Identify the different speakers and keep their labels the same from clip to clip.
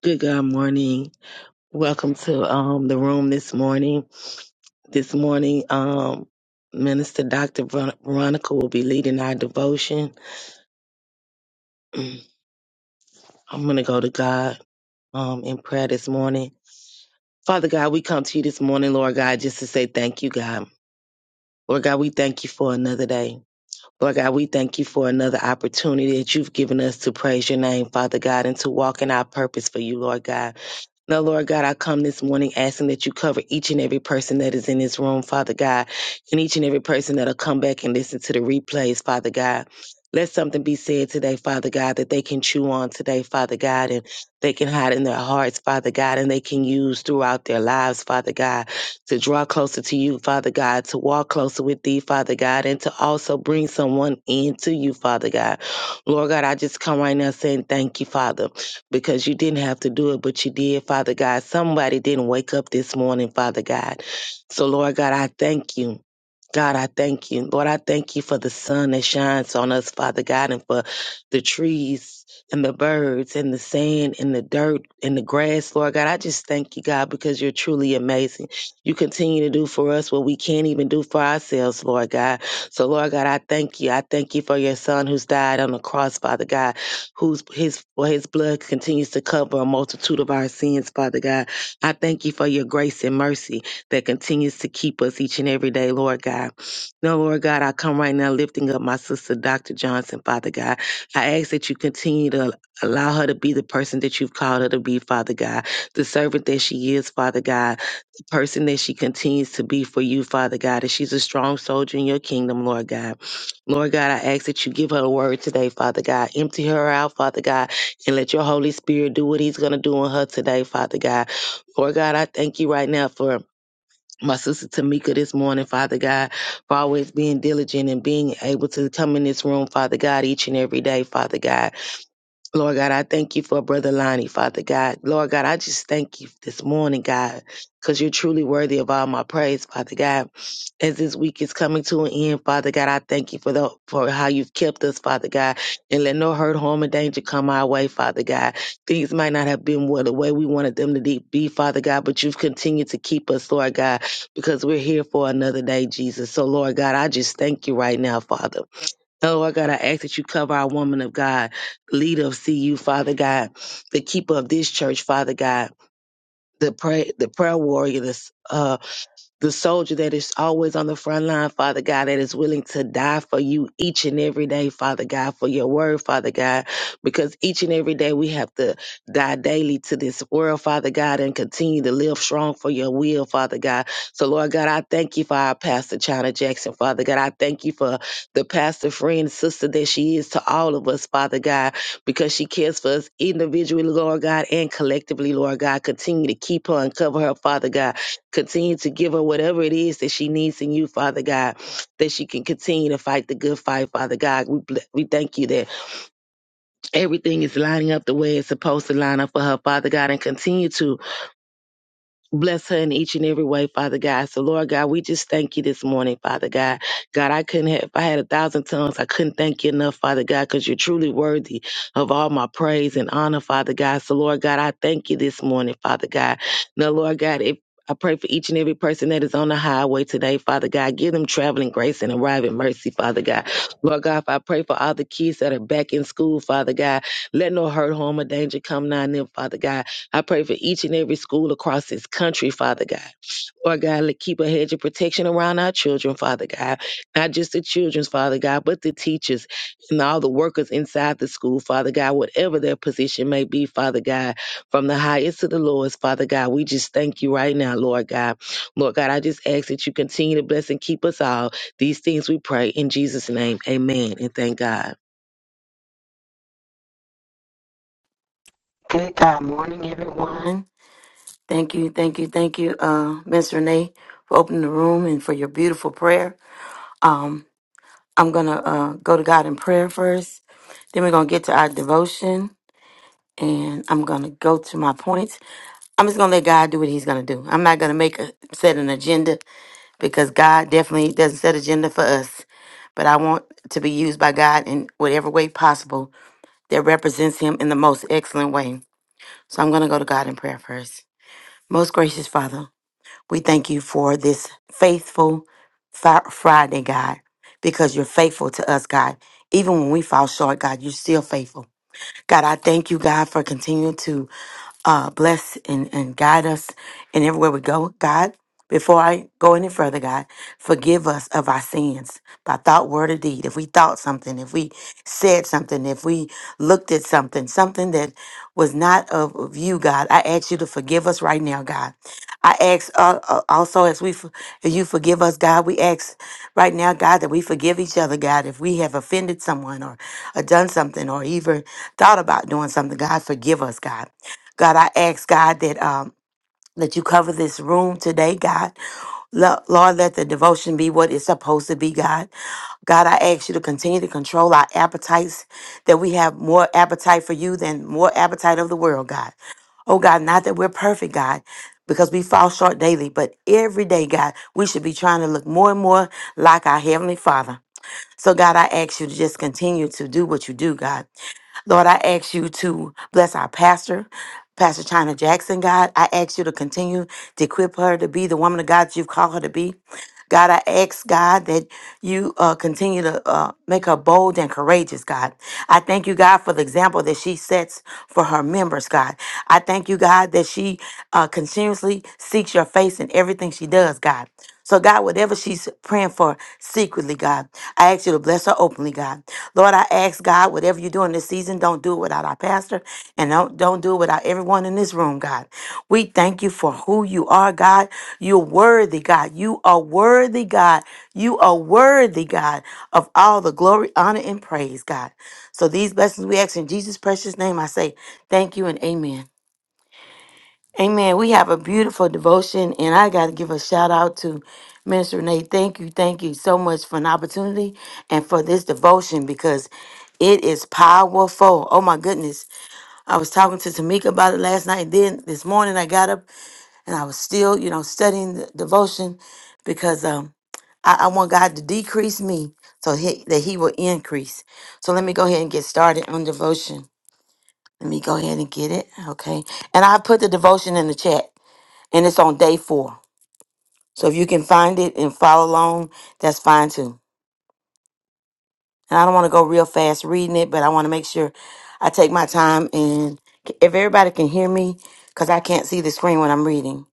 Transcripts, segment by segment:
Speaker 1: Good God morning. Welcome to um the room this morning. This morning, um Minister Dr. Ver- Veronica will be leading our devotion. I'm gonna go to God um in prayer this morning. Father God, we come to you this morning, Lord God, just to say thank you, God. Lord God, we thank you for another day. Lord God, we thank you for another opportunity that you've given us to praise your name, Father God, and to walk in our purpose for you, Lord God. Now, Lord God, I come this morning asking that you cover each and every person that is in this room, Father God, and each and every person that'll come back and listen to the replays, Father God. Let something be said today, Father God, that they can chew on today, Father God, and they can hide in their hearts, Father God, and they can use throughout their lives, Father God, to draw closer to you, Father God, to walk closer with thee, Father God, and to also bring someone into you, Father God. Lord God, I just come right now saying thank you, Father because you didn't have to do it, but you did, Father God. Somebody didn't wake up this morning, Father God. So, Lord God, I thank you. God, I thank you. Lord, I thank you for the sun that shines on us, Father God, and for the trees and the birds and the sand and the dirt and the grass, Lord God. I just thank you, God, because you're truly amazing. You continue to do for us what we can't even do for ourselves, Lord God. So, Lord God, I thank you. I thank you for your son who's died on the cross, Father God, whose his for his blood continues to cover a multitude of our sins, Father God. I thank you for your grace and mercy that continues to keep us each and every day, Lord God. Now, Lord God, I come right now lifting up my sister, Dr. Johnson, Father God. I ask that you continue to allow her to be the person that you've called her to be, Father God, the servant that she is, Father God, the person that she continues to be for you, Father God, that she's a strong soldier in your kingdom, Lord God. Lord God, I ask that you give her a word today, Father God. Empty her out, Father God, and let your Holy Spirit do what he's going to do on her today, Father God. Lord God, I thank you right now for my sister Tamika this morning, Father God, for always being diligent and being able to come in this room, Father God, each and every day, Father God. Lord God, I thank you for Brother Lonnie, Father God. Lord God, I just thank you this morning, God, because you're truly worthy of all my praise, Father God. As this week is coming to an end, Father God, I thank you for the for how you've kept us, Father God, and let no hurt, harm, or danger come our way, Father God. Things might not have been what the way we wanted them to de- be, Father God, but you've continued to keep us, Lord God, because we're here for another day, Jesus. So, Lord God, I just thank you right now, Father. Oh, our God, I ask that you cover our woman of God, leader of CU, Father God, the keeper of this church, Father God, the pray, the prayer warrior, this, the soldier that is always on the front line, Father God, that is willing to die for you each and every day, Father God, for your word, Father God, because each and every day we have to die daily to this world, Father God, and continue to live strong for your will, Father God. So, Lord God, I thank you for our pastor, China Jackson, Father God. I thank you for the pastor friend, sister that she is to all of us, Father God, because she cares for us individually, Lord God, and collectively, Lord God. Continue to keep her and cover her, Father God Continue to give her whatever it is that she needs in you, Father God, that she can continue to fight the good fight, Father God. We ble- we thank you that everything is lining up the way it's supposed to line up for her, Father God, and continue to Bless her in each and every way, Father God. So, Lord God, we just thank you this morning, Father God. God, I couldn't have, if I had a thousand tongues, I couldn't thank you enough, Father God, because you're truly worthy of all my praise and honor, Father God. So, Lord God, I thank you this morning, Father God. Now, Lord God, if I pray for each and every person that is on the highway today, Father God. Give them traveling grace and arriving mercy, Father God. Lord God, if I pray for all the kids that are back in school, Father God, let no hurt, harm, or danger come nigh them, Father God. I pray for each and every school across this country, Father God. Lord God, let- keep a hedge of protection around our children, Father God. Not just the children's, Father God, but the teachers and all the workers inside the school, Father God, whatever their position may be, Father God, from the highest to the lowest, Father God. We just thank you right now, Lord God. Lord God, I just ask that you continue to bless and keep us all. These things we pray in Jesus' name. Amen. And thank God.
Speaker 2: Good God morning, everyone. Thank you, thank you, thank you, uh, Miss Renee, for opening the room and for your beautiful prayer. Um, I'm going to uh, go to God in prayer first. Then we're going to get to our devotion, and I'm going to go to my points. I'm just going to let God do what He's going to do. I'm not going to make a, set an agenda because God definitely doesn't set agenda for us. But I want to be used by God in whatever way possible that represents Him in the most excellent way. So I'm going to go to God in prayer first. Most gracious Father, we thank you for this faithful Fri- Friday, God, because you're faithful to us, God. Even when we fall short, God, you're still faithful. God, I thank you, God, for continuing to uh, bless and, and guide us in everywhere we go. God, before I go any further, God, forgive us of our sins by thought, word, or deed. If we thought something, if we said something, if we looked at something, something that was not of, of you, God, I ask you to forgive us right now, God. I ask uh, uh, also as we, for- as you forgive us, God, we ask right now, God, that we forgive each other, God, if we have offended someone or, or done something or even thought about doing something, God, forgive us, God. God, I ask God that um that you cover this room today, God. Lo- Lord, let the devotion be what it's supposed to be, God. God, I ask you to continue to control our appetites, that we have more appetite for you than more appetite of the world, God. Oh, God, not that we're perfect, God, because we fall short daily, but every day, God, we should be trying to look more and more like our Heavenly Father. So, God, I ask you to just continue to do what you do, God. Lord, I ask you to bless our pastor, Pastor China Jackson, God. I ask you to continue to equip her to be the woman of God that you've called her to be. God, I ask God that you uh, continue to uh, make her bold and courageous, God. I thank you, God, for the example that she sets for her members, God. I thank you, God, that she uh, continuously seeks your face in everything she does, God. So, God, whatever she's praying for secretly, God, I ask you to bless her openly, God. Lord, I ask God, whatever you do in this season, don't do it without our pastor and don't, don't do it without everyone in this room, God. We thank you for who you are, God. You're worthy, God. You are worthy, God. You are worthy, God, of all the glory, honor, and praise, God. So, these blessings we ask in Jesus' precious name, I say thank you and amen. Amen. We have a beautiful devotion, and I got to give a shout out to Minister Renee. Thank you, thank you so much for an opportunity and for this devotion because it is powerful. Oh my goodness. I was talking to Tamika about it last night. Then this morning I got up and I was still, you know, studying the devotion because um I, I want God to decrease me so he, that He will increase. So let me go ahead and get started on devotion. Let me go ahead and get it. Okay. And I put the devotion in the chat and it's on day four. So if you can find it and follow along, that's fine too. And I don't want to go real fast reading it, but I want to make sure I take my time and if everybody can hear me, because I can't see the screen when I'm reading.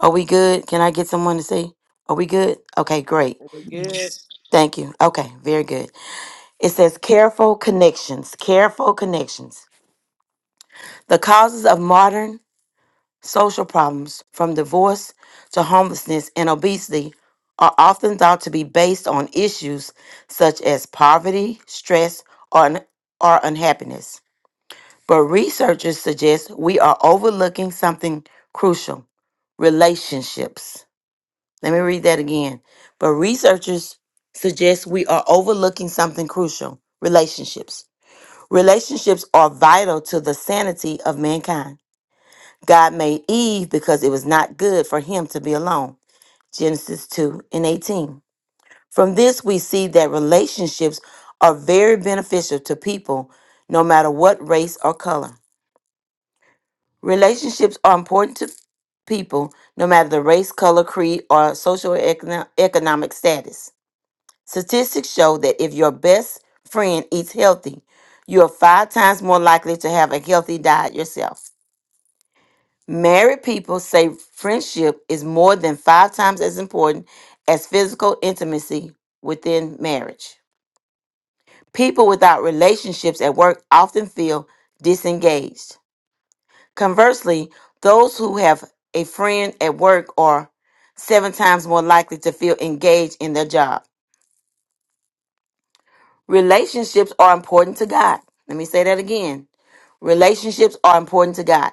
Speaker 2: Are we good? Can I get someone to see? Are we good? Okay, great.
Speaker 3: good.
Speaker 4: Yes.
Speaker 2: Thank you. Okay, very good. It says careful connections, careful connections. The causes of modern Social problems, from divorce to homelessness and obesity, are often thought to be based on issues such as poverty, stress, or, un- or unhappiness. But researchers suggest we are overlooking something crucial relationships. Let me read that again. But researchers suggest we are overlooking something crucial relationships. Relationships are vital to the sanity of mankind. God made Eve because it was not good for him to be alone. Genesis 2 and 18. From this, we see that relationships are very beneficial to people, no matter what race or color. Relationships are important to people, no matter the race, color, creed, or social econo- economic status. Statistics show that if your best friend eats healthy, you are five times more likely to have a healthy diet yourself. Married people say friendship is more than five times as important as physical intimacy within marriage. People without relationships at work often feel disengaged. Conversely, those who have a friend at work are seven times more likely to feel engaged in their job. Relationships are important to God. Let me say that again. Relationships are important to God.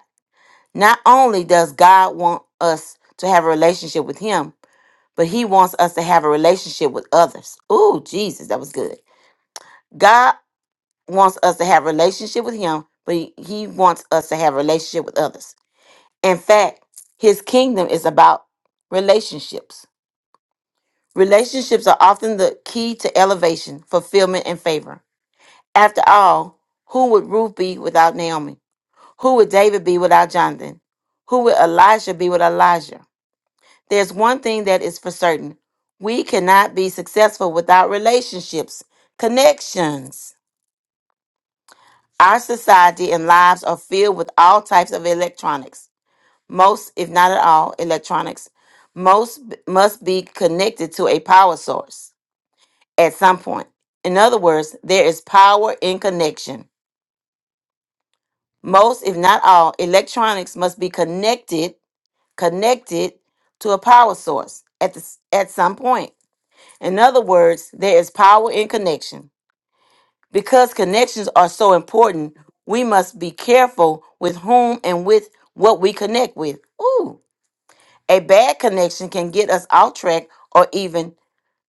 Speaker 2: Not only does God want us to have a relationship with Him, but he wants us to have a relationship with others. Ooh, Jesus, that was good. God wants us to have a relationship with him, but he, he wants us to have a relationship with others. In fact, his kingdom is about relationships. Relationships are often the key to elevation, fulfillment, and favor. After all, who would Ruth be without Naomi? Who would David be without Jonathan? Who would Elijah be with Elijah? There's one thing that is for certain we cannot be successful without relationships, connections. Our society and lives are filled with all types of electronics. Most, if not at all, electronics, most b- must be connected to a power source at some point. In other words, there is power in connection. Most, if not all, electronics must be connected, connected to a power source at the, s- at some point. In other words, there is power in connection. Because connections are so important, we must be careful with whom and with what we connect with. Ooh, a bad connection can get us off track or even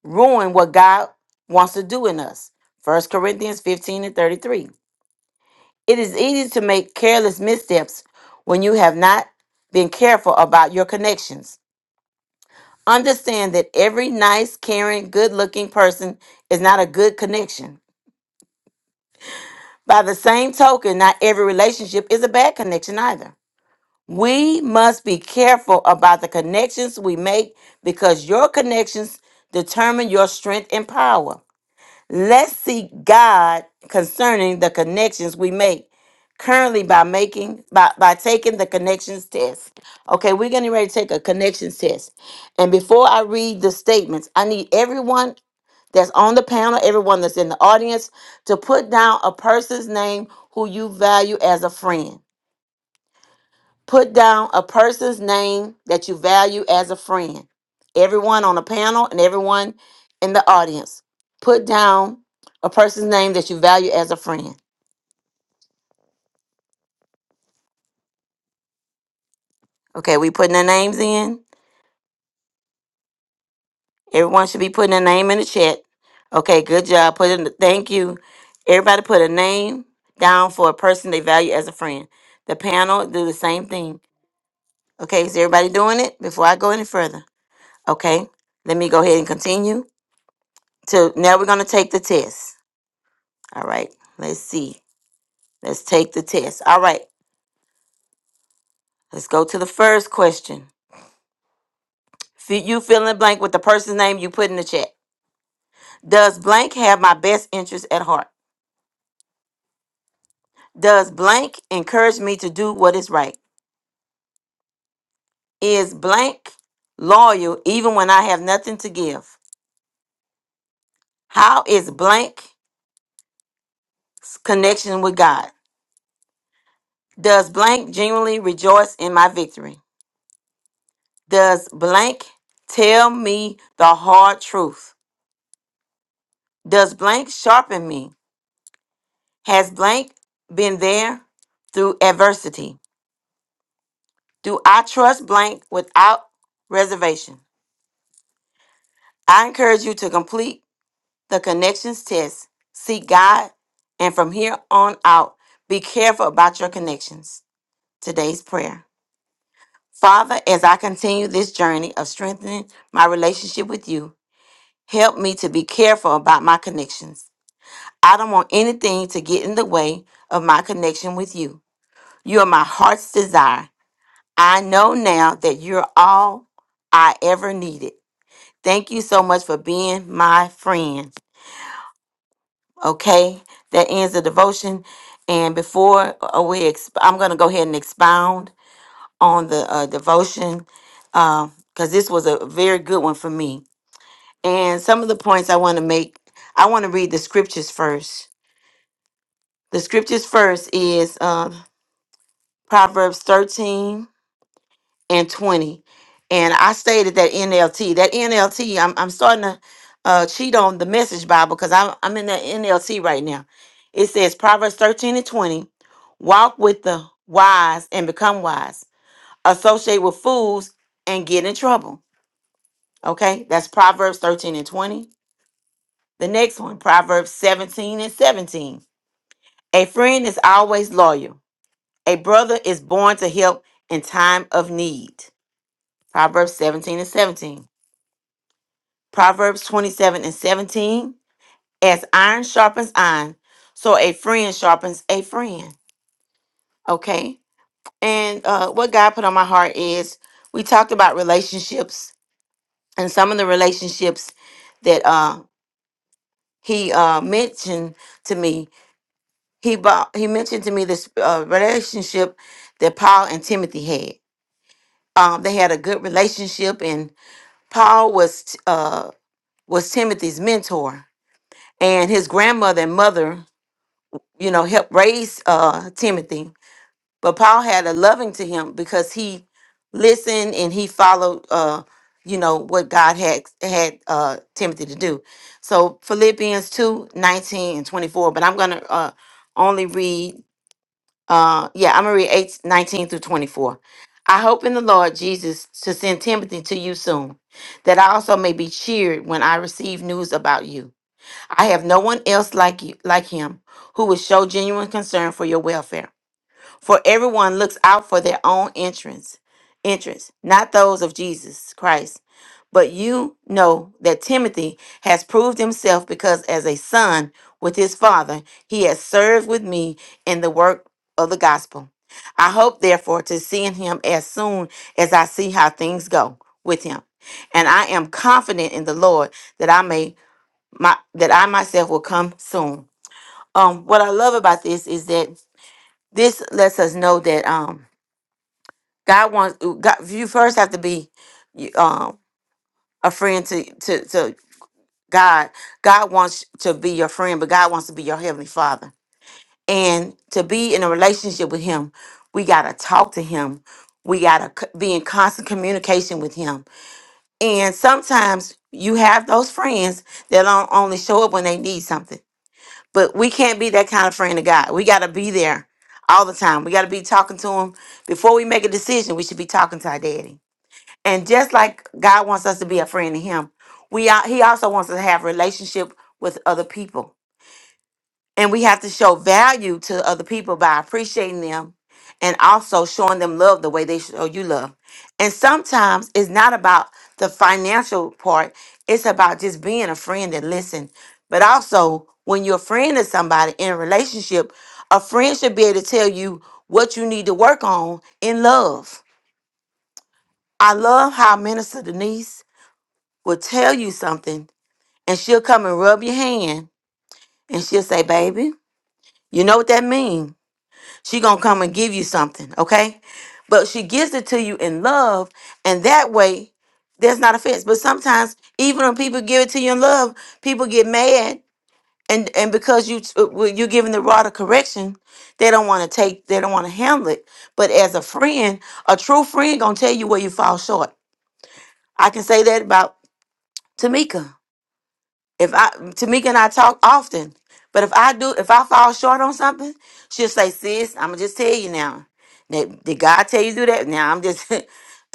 Speaker 2: ruin what God wants to do in us. First Corinthians 15 and 33. It is easy to make careless missteps when you have not been careful about your connections. Understand that every nice, caring, good looking person is not a good connection. By the same token, not every relationship is a bad connection either. We must be careful about the connections we make because your connections determine your strength and power. Let's seek God concerning the connections we make currently by making by, by taking the connections test. Okay, we're getting ready to take a connections test. And before I read the statements, I need everyone that's on the panel, everyone that's in the audience, to put down a person's name who you value as a friend. Put down a person's name that you value as a friend. Everyone on the panel and everyone in the audience, put down a person's name that you value as a friend. Okay, we putting their names in. Everyone should be putting their name in the chat. Okay, good job. Put in. thank you. Everybody put a name down for a person they value as a friend. The panel do the same thing. Okay, is everybody doing it? Before I go any further, okay, let me go ahead and continue. So now, we're gonna take the test. All right, let's see. Let's take the test. All right, let's go to the first question. F- You fill in the blank with the person's name you put in the chat. Does blank have my best interest at heart? Does blank encourage me to do what is right? Is blank loyal even when I have nothing to give? How is blank connection with God? Does blank genuinely rejoice in my victory? Does blank tell me the hard truth? Does blank sharpen me? Has blank been there through adversity? Do I trust blank without reservation? I encourage you to complete the connections test, seek God, and from here on out, be careful about your connections. Today's prayer. Father, as I continue this journey of strengthening my relationship with you, Help me to be careful about my connections. I don't want anything to get in the way of my connection with you. You are my heart's desire. I know now that you're all I ever needed. Thank you so much for being my friend. Okay, that ends the devotion. And before uh, we, exp- I'm going to go ahead and expound on the uh, devotion because this was a very good one for me. And some of the points I want to make, I want to read the scriptures first The scriptures first is uh, Proverbs 13 and 20. And I stated that NLT. That NLT, I'm, I'm starting to uh, cheat on the message Bible because I'm, I'm in that NLT right now. It says Proverbs 13 and 20 walk with the wise and become wise, associate with fools and get in trouble. Okay, that's Proverbs 13 and 20. The next one, Proverbs 17 and 17. A friend is always loyal A brother is born to help in time of need. Proverbs 17 and 17. Proverbs 27 and 17. As iron sharpens iron, so a friend sharpens a friend. Okay. And uh, what God put on my heart is we talked about relationships and some of the relationships that uh, He uh, mentioned to me. He bought, He mentioned to me this uh, relationship that Paul and Timothy had. Um, they had a good relationship, and. Paul was uh, was Timothy's mentor, and his grandmother and mother, you know, helped raise uh, Timothy. But Paul had a loving to him because he listened and he followed, uh, you know, what God had had uh, Timothy to do. So Philippians two nineteen and twenty four. But I'm gonna uh, only read uh yeah i'm gonna read 8 19 through 24 i hope in the lord jesus to send timothy to you soon that i also may be cheered when i receive news about you i have no one else like you like him who will show genuine concern for your welfare for everyone looks out for their own entrance, interests, not those of Jesus Christ. But you know that Timothy has proved himself because as a son with his father, he has served with me in the work of the gospel. I hope therefore to seeing him as soon as I see how things go with him. And I am confident in the Lord that I may my that I myself will come soon. Um what I love about this is that this lets us know that um God wants God, you first have to be um a friend to to to God. God wants to be your friend, but God wants to be your heavenly Father. And to be in a relationship with Him, we gotta talk to Him. We gotta c- be in constant communication with Him. And sometimes you have those friends that don't only show up when they need something. But we can't be that kind of friend to God. We gotta be there all the time. We gotta be talking to Him before we make a decision. We should be talking to our Daddy and just like God wants us to be a friend to Him, we are, He also wants us to have relationship with other people, and we have to show value to other people by appreciating them, and also showing them love the way they show you love. And sometimes it's not about the financial part; it's about just being a friend and listen. But also, when you're a friend to somebody in a relationship, a friend should be able to tell you what you need to work on in love. I love how Minister Denise will tell you something and she'll come and rub your hand and she'll say, Baby, you know what that means. She gonna come and give you something, okay? But she gives it to you in love, and that way there's not offense. But sometimes even when people give it to you in love, people get mad and and because you t- well, you're giving the rod of correction, they don't want to take, they don't want to handle it. But as a friend, a true friend gonna tell you where you fall short. I can say that about Tamika. If I Tamika and I talk often, but if I do, if I fall short on something, she'll say, "Sis, I'm gonna just tell you now. Did, did God tell you to do that? Now I'm just."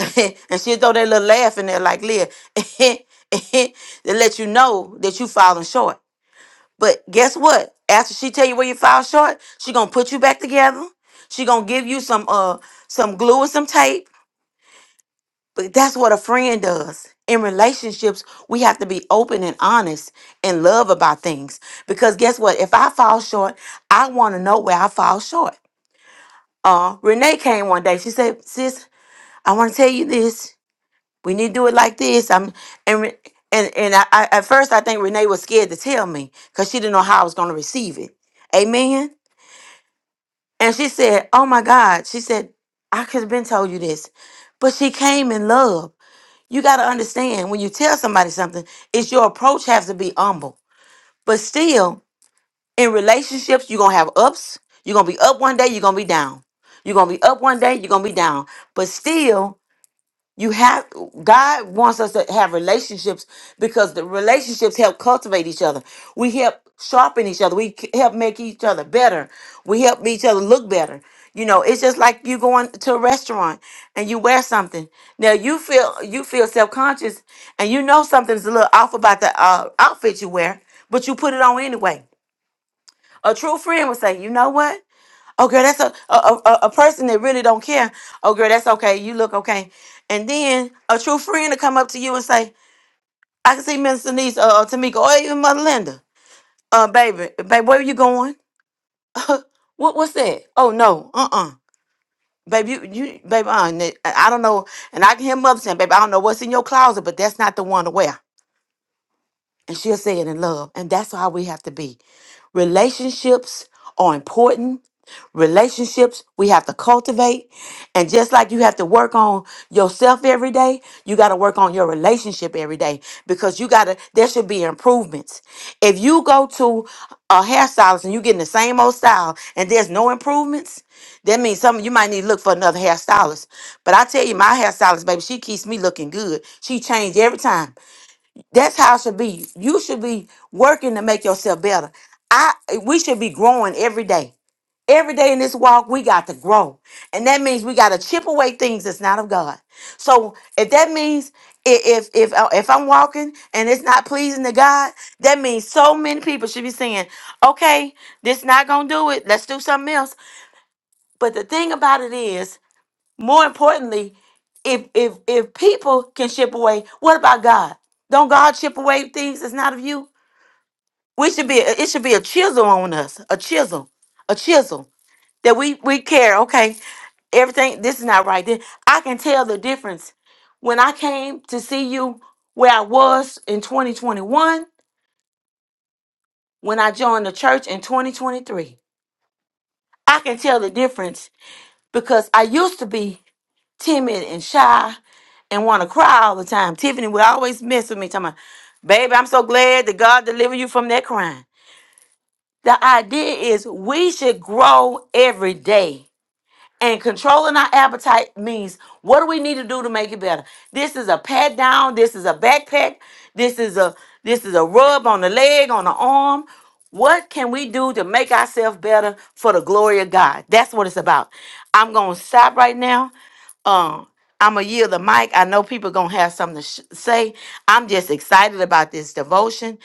Speaker 2: and she'll throw that little laugh in there, like Leah, to let you know that you falling short. But guess what? After she tell you where you fall short, she gonna put you back together. She gonna give you some uh some glue and some tape but that's what a friend does. In relationships, we have to be open and honest and love about things. Because guess what? If I fall short, I want to know where I fall short. Uh, Renee came one day. She said, "Sis, I want to tell you this. We need to do it like this." I'm and Re- and and I, I at first I think Renee was scared to tell me because she didn't know how I was going to receive it. Amen. And she said, "Oh my God," she said, "I could have been told you this," but she came in love. You got to understand when you tell somebody something, it's your approach has to be humble. But still, in relationships, you're going to have ups. You're going to be up one day, you're going to be down. You're going to be up one day, you're going to be down. But still, you have God wants us to have relationships because the relationships help cultivate each other. We help sharpen each other. We c- help make each other better. We help each other look better. You know, it's just like you going to a restaurant and you wear something. Now you feel you feel self conscious and you know something's a little off about the uh, outfit you wear, but you put it on anyway. A true friend would say, "You know what? Oh girl, that's a a, a a a person that really don't care. Oh girl, that's okay. You look okay. And then a true friend to come up to you and say, I can see Miss Denise uh, or Tamika or even Mother Linda. Uh baby, babe, where are you going? What what's that? Oh no, uh-uh. Baby, you, you baby, uh, n- I I don't know. And I can hear mother saying, baby, I don't know what's in your closet, but that's not the one to wear. And she'll say it in love. And that's how we have to be. Relationships are important. Relationships we have to cultivate. And just like you have to work on yourself every day, you got to work on your relationship every day because you got to, there should be improvements. If you go to a hairstylist and you getting the same old style and there's no improvements, that means some you might need to look for another hairstylist. But I tell you, my hairstylist, baby, she keeps me looking good. She changed every time. That's how it should be. You should be working to make yourself better. I we should be growing every day. Every day in this walk, we got to grow. And that means we got to chip away things that's not of God. So if that means i- if if uh, if I'm walking and it's not pleasing to God, that means so many people should be saying, "Okay, this not gonna do it. Let's do something else." But the thing about it is. More importantly, if if if people can chip away, what about God? Don't God chip away things that's not of you? We should be it should be a chisel on us, a chisel, a chisel that we we care. Okay, everything this is not right. Then I can tell the difference when I came to see you where I was in 2021 when I joined the church in 2023. I can tell the difference because I used to be timid and shy and want to cry all the time. Tiffany would always mess with me, talking about, baby, I'm so glad that God delivered you from that crying. The idea is we should grow every day. And controlling our appetite means what do we need to do to make it better? This is a pat down, this is a backpack, this is a this is a rub on the leg, on the arm. What can we do to make ourselves better for the glory of God? That's what it's about. I'm going to stop right now. Um I'm going to yield the mic. I know people going to have something to sh- say. I'm just excited about this devotion.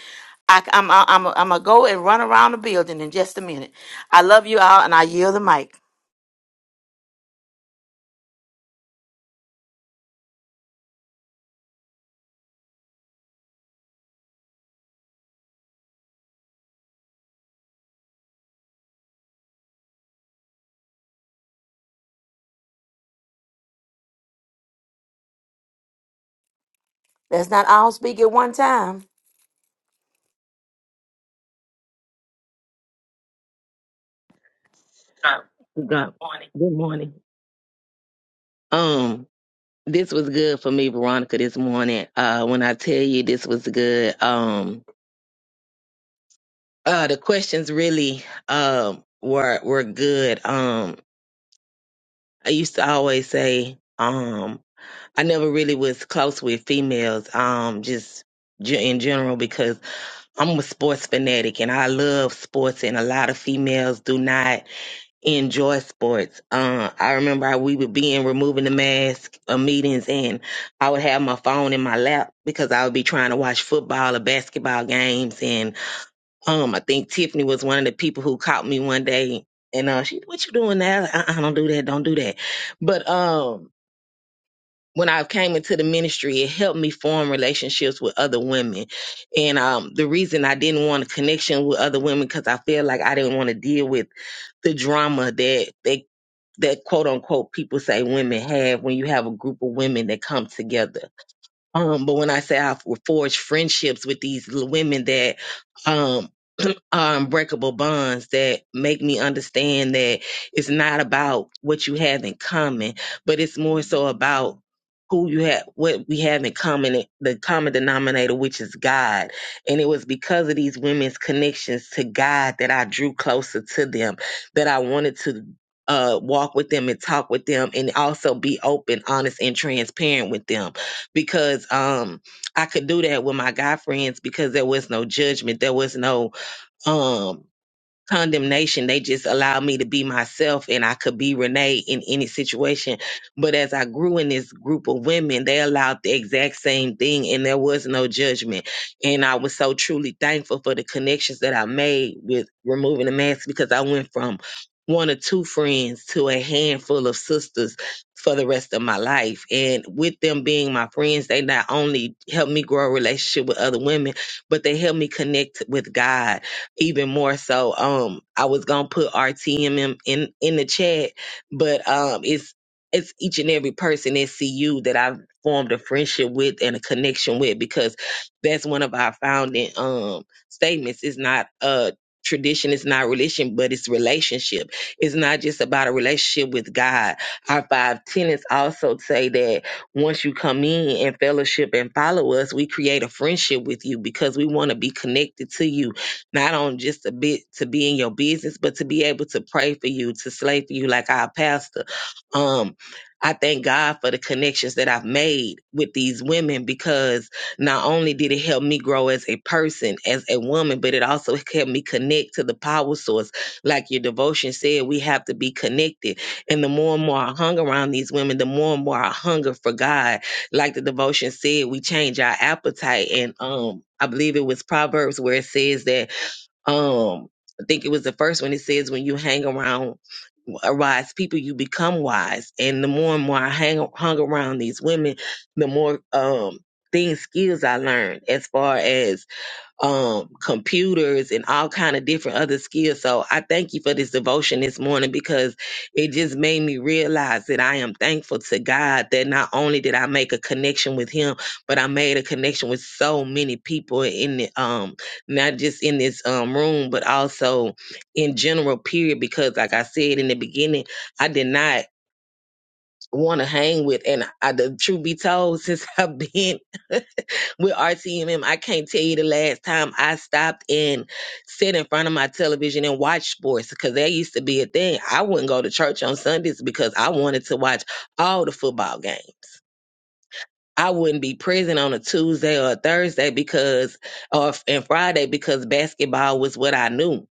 Speaker 2: I, am I'm, I'm, I'm going to go and run around the building in just a minute. I love you all, and I yield the mic. Let's not all speak at one time.
Speaker 1: God. Good morning. Um This was good for me, Veronica, this morning. Uh, when I tell you this was good, um, uh, the questions really, um, were, were good. Um, I used to always say, um, I never really was close with females, um, just ge- in general because I'm a sports fanatic and I love sports and a lot of females do not enjoy sports. Uh, I remember I, we would be in removing the mask uh, meetings, and I would have my phone in my lap because I would be trying to watch football or basketball games. And um, I think Tiffany was one of the people who caught me one day, and uh, she, "What you doing now?" I, I don't do that. Don't do that. But um. When I came into the ministry, it helped me form relationships with other women. And um, the reason I didn't want a connection with other women because I feel like I didn't want to deal with the drama that that that quote unquote people say women have when you have a group of women that come together. Um, but when I say I've forged friendships with these l- women that um, are unbreakable bonds that make me understand that it's not about what you have in common, but it's more so about who you have, what we have in common, eh, the common denominator, which is God. And it was because of these women's connections to God that I drew closer to them, that I wanted to uh, walk with them and talk with them and also be open, honest, and transparent with them because um, I could do that with my guy friends because there was no judgment. There was no um condemnation they just allowed me to be myself and i could be renee in any situation but as i grew in this group of women they allowed the exact same thing and there was no judgment and i was so truly thankful for the connections that i made with removing the mask because i went from one or two friends to a handful of sisters for the rest of my life and with them being my friends they not only helped me grow a relationship with other women but they helped me connect with god even more so. Um, I was gonna put RTM in in the chat, but um, it's it's each and every person at CU that I've formed a friendship with and a connection with because that's one of our founding um statements. It's not a tradition, it's not religion, but it's relationship. It's not just about a relationship with God. Our five tenets also say that once you come in and fellowship and follow us, we create a friendship with you because we want to be connected to you not on just a bit to be in your business, but to be able to pray for you, to slay for you like our pastor. Um, I thank God for the connections that I've made with these women because not only did it help me grow as a person, as a woman, but it also helped me connect to the power source. Like your devotion said, we have to be connected. And the more and more I hung around these women, the more and more I hunger for God. Like the devotion said, we change our appetite. And um, I believe it was Proverbs where it says that um I think it was the first one. It says when you hang around a wise people, you become wise. And the more and more I hang hung around these women, the more um things skills I learned as far as um computers and all kind of different other skills so i thank you for this devotion this morning because it just made me realize that i am thankful to god that not only did i make a connection with him but i made a connection with so many people in the um not just in this um room but also in general period because like i said in the beginning i did not want to hang with and I, the truth be told since i've been with RTMM, I can't tell you the last time I stopped and sit in front of my television and watch sports because that used to be a thing. I wouldn't go to church on Sundays because I wanted to watch all the football games. I wouldn't be present on a Tuesday or a Thursday because, or and Friday because basketball was what I knew.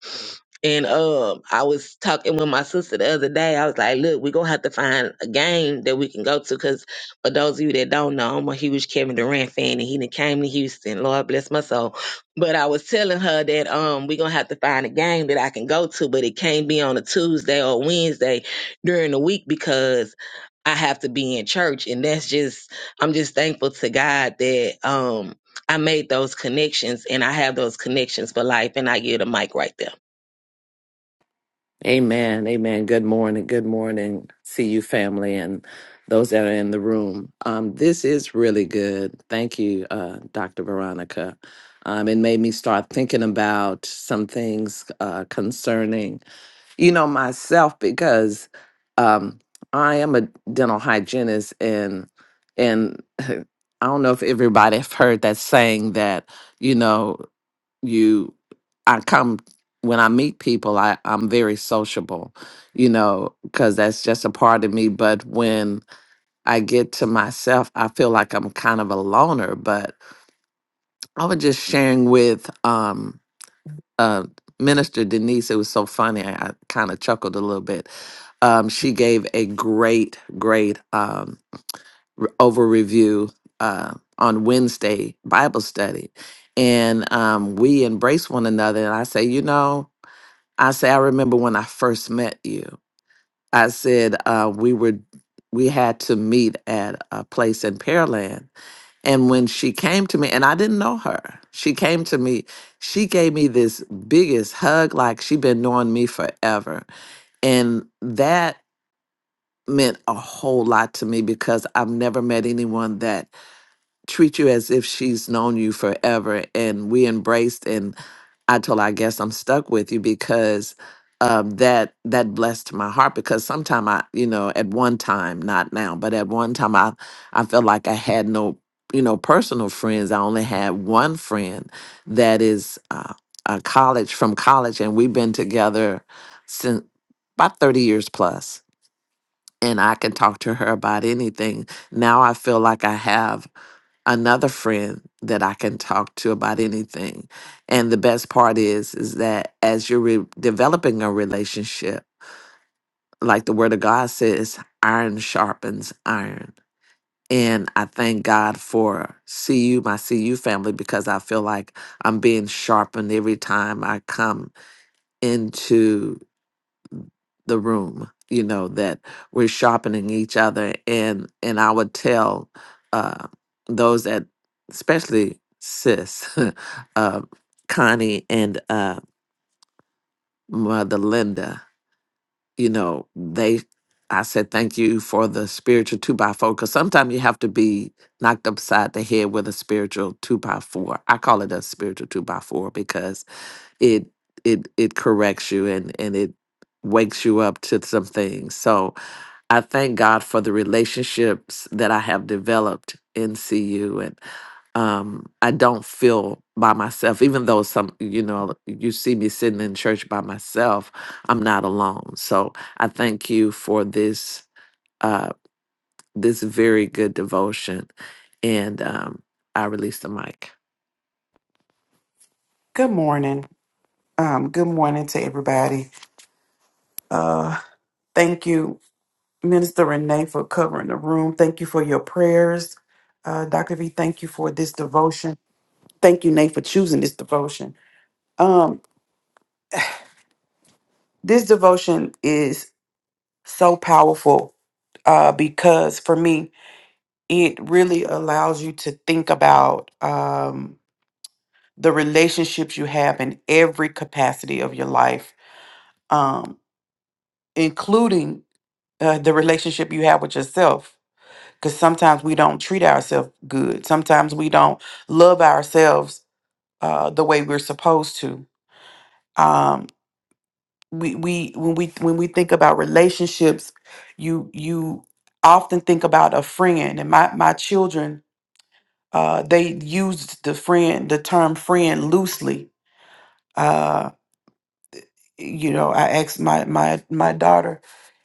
Speaker 1: And um, I was talking with my sister the other day. I was like, "Look, we're gonna have to find a game that we can go to." Because for those of you that don't know, I'm a huge Kevin Durant fan, and he done came to Houston. Lord bless my soul. But I was telling her that um, we're gonna have to find a game that I can go to, but it can't be on a Tuesday or Wednesday during the week because I have to be in church, and that's just I'm just thankful to God that um I made those connections and I have those connections for life and I give the mic right there.
Speaker 5: Amen. Amen. Good morning. Good morning. See you, family, and those that are in the room. Um, this is really good. Thank you, uh, Dr. Veronica. Um, it made me start thinking about some things uh, concerning, you know, myself because um, I am a dental hygienist, and and I don't know if everybody have heard that saying that you know you i come when i meet people i i'm very sociable you know because that's just a part of me but when i get to myself i feel like i'm kind of a loner but i was just sharing with um uh minister denise it was so funny i, I kind of chuckled a little bit um she gave a great great um re- over review uh on wednesday bible study and um, we embrace one another and i say you know I say, I remember when I first met you. I said uh, we were we had to meet at a place in Pearland, and when she came to me, and I didn't know her, she came to me. She gave me this biggest hug, like she'd been knowing me forever, and that meant a whole lot to me because I've never met anyone that treats you as if she's known you forever, and we embraced and I told her, I guess I'm stuck with you because um, that that blessed my heart because sometime I, you know, at one time, not now, but at one time I I felt like I had no, you know, personal friends. I only had one friend that is uh, a college from college, and we've been together since about 30 years plus, plus. And I can talk to her about anything. Now I feel like I have another friend that I can talk to about anything. And the best part is, is that as you're re- developing a relationship, like the Word of God says, iron sharpens iron. And I thank God for CU, my CU family, because I feel like I'm being sharpened every time I come into the room you know that we're sharpening each other and and i would tell uh those that especially sis uh connie and uh mother linda you know they i said thank you for the spiritual two by four because sometimes you have to be knocked upside the head with a spiritual two by four i call it a spiritual two by four because it it it corrects you and and it wakes you up to some things so I thank God for the relationships that I have developed in CU and um, I don't feel by myself, even though some, you know, you see me sitting in church by myself, I'm not alone. So I thank you for this, uh, this very good devotion. And um, I release the mic.
Speaker 4: Good morning. Um, good morning to everybody. Uh, thank you, Minister Renee, for covering the room. Thank you for your prayers. Uh, Dr. V, thank you for this devotion. Thank you, Nate, for choosing this devotion. Um, this devotion is so powerful uh, because for me, it really allows you to think about um, the relationships you have in every capacity of your life, um, including uh, the relationship you have with yourself. Because sometimes we don't treat ourselves good. Sometimes we don't love ourselves uh, the way we're supposed to. Um, we we when we when we think about relationships, you you often think about a friend. And my my children, uh, they used the friend the term friend loosely. Uh, you know, I asked my my my daughter,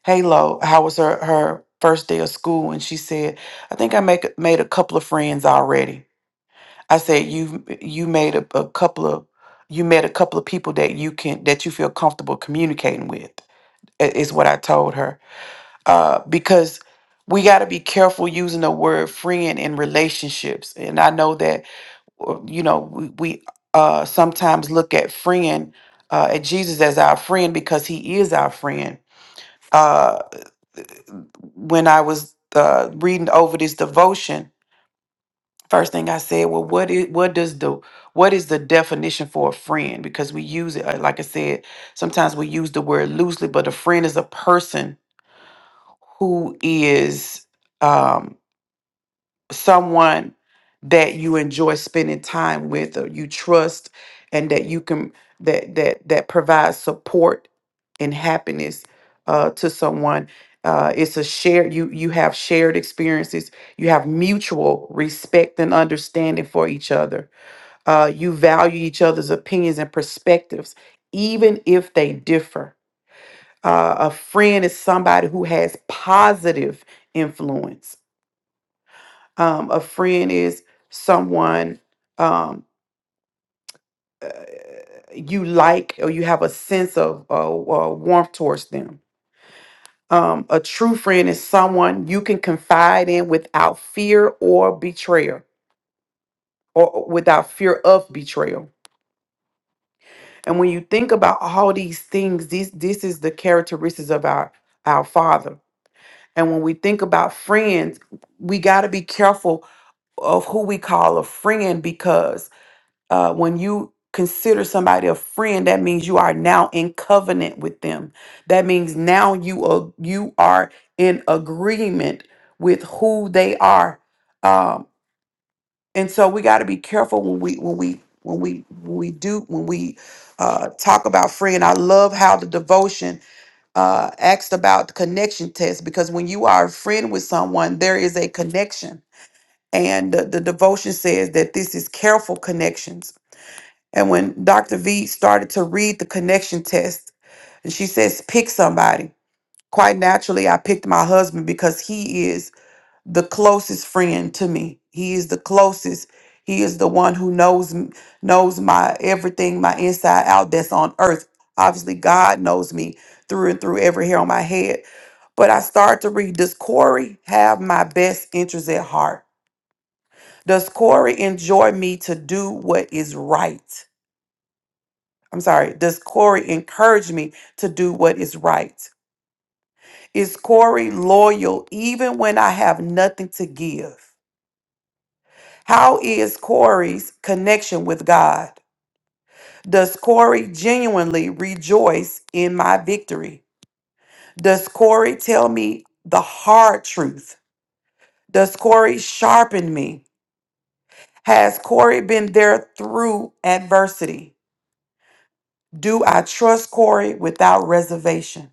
Speaker 4: Halo, how was her her first day of school? And she said, I think I make made a couple of friends already. I said, you you made a, a couple of you met a couple of people that you can that you feel comfortable communicating with. i- Is what I told her uh, because we got to be careful using the word friend in relationships. And I know that or, you know we, we uh sometimes look at friend uh at jesus as our friend because he is our friend uh when i was uh reading over this devotion first thing i said well what is what does the what is the definition for a friend because we use it uh, like i said sometimes we use the word loosely but a friend is a person who is um, someone that you enjoy spending time with or you trust and that you can that that that provides support and happiness uh, to someone uh, it's a shared you you have shared experiences you have mutual respect and understanding for each other uh, you value each other's opinions and perspectives even if they differ uh, a friend is somebody who has positive influence um, a friend is someone um, you like or you have a sense of uh, uh, warmth towards them. Um, a true friend is someone you can confide in without fear or betrayal, or without fear of betrayal. And when you think about all these things, this this is the characteristics of our our Father. And when we think about friends, we got to be careful of who we call a friend because Uh, when you consider somebody a friend, that means you are now in covenant with them. That means now you are, you are in agreement with who they are. Um, and so we got to be careful when we when we when we when we do when we uh, talk about friend. I love how the devotion uh, asked about the connection test because when you are a friend with someone, there is a connection. And the, the devotion says that this is careful connections and when Dr. V started to read the connection test, and she says, pick somebody. Quite naturally, I picked my husband because he is the closest friend to me. He is the closest. He is the one who knows m- knows my everything, my inside out that's on earth. Obviously, God knows me through and through every hair on my head. But I start to read, does Corey have my best interest at heart? Does Corey enjoy me to do what is right? I'm sorry, does Corey encourage me to do what is right? Is Corey loyal even when I have nothing to give? How is Corey's connection with God? Does Corey genuinely rejoice in my victory? Does Corey tell me the hard truth? Does Corey sharpen me? Has Corey been there through adversity? Do I trust Corey without reservation?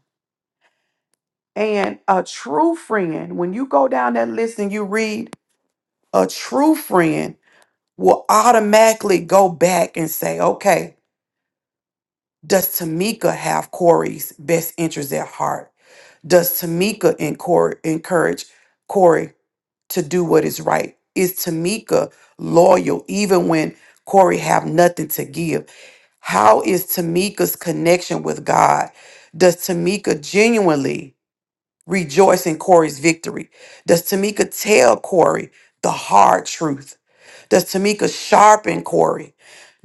Speaker 4: And a true friend, when you go down that list and you read, a true friend will automatically go back and say, okay, does Tamika have Corey's best interest at heart? Does Tamika encour- encourage Corey to do what is right? Is Tamika loyal even when Corey have nothing to give? How is Tamika's connection with God? Does Tamika genuinely? rejoice in Corey's victory? Does Tamika tell Corey the hard truth? Does Tamika sharpen Corey?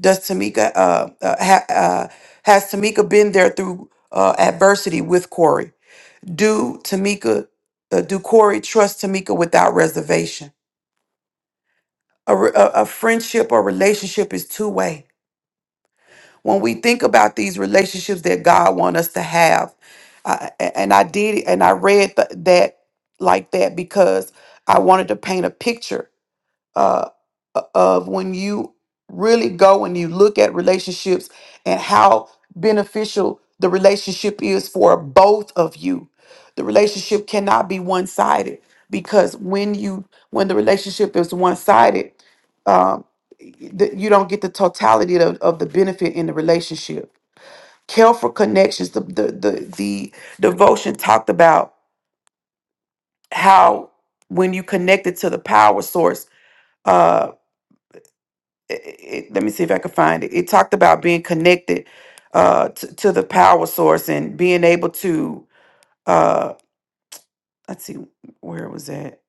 Speaker 4: Does Tamika uh, uh, ha- uh, has Tamika been there through uh, adversity with Corey? Do Tamika uh, do Corey trust Tamika without reservation? A, re- a, a friendship or relationship is two way. when we think about these relationships that God want us to have, I- a- and I did, and I read th- that like that because I wanted to paint a picture uh, of when you really go and you look at relationships and how beneficial the relationship is for both of you. The relationship cannot be one sided because when you when the relationship is one sided, um, y- y- the- you don't get the totality of, of the benefit in the relationship Care for Connections, the, the the the devotion talked about how when you connected to the power source, uh, it, it- let me see if I can find it. It talked about being connected uh, to, to the power source and being able to. Uh, let's see where it was that.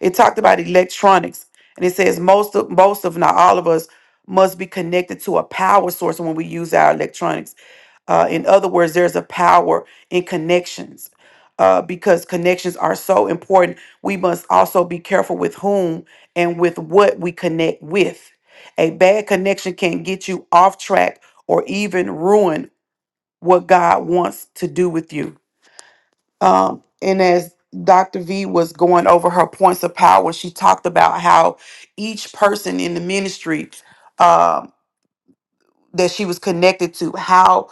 Speaker 4: It talked about electronics, and it says most of most of not all of us must be connected to a power source when we use our electronics Uh, in other words, there's a power in connections uh, because connections are so important. We must also be careful with whom and with what we connect with. A bad connection can get you off track or even ruin what God wants to do with you. Um, and as Dr. V was going over her points of power, she talked about how each person in the ministry um, that she was connected to how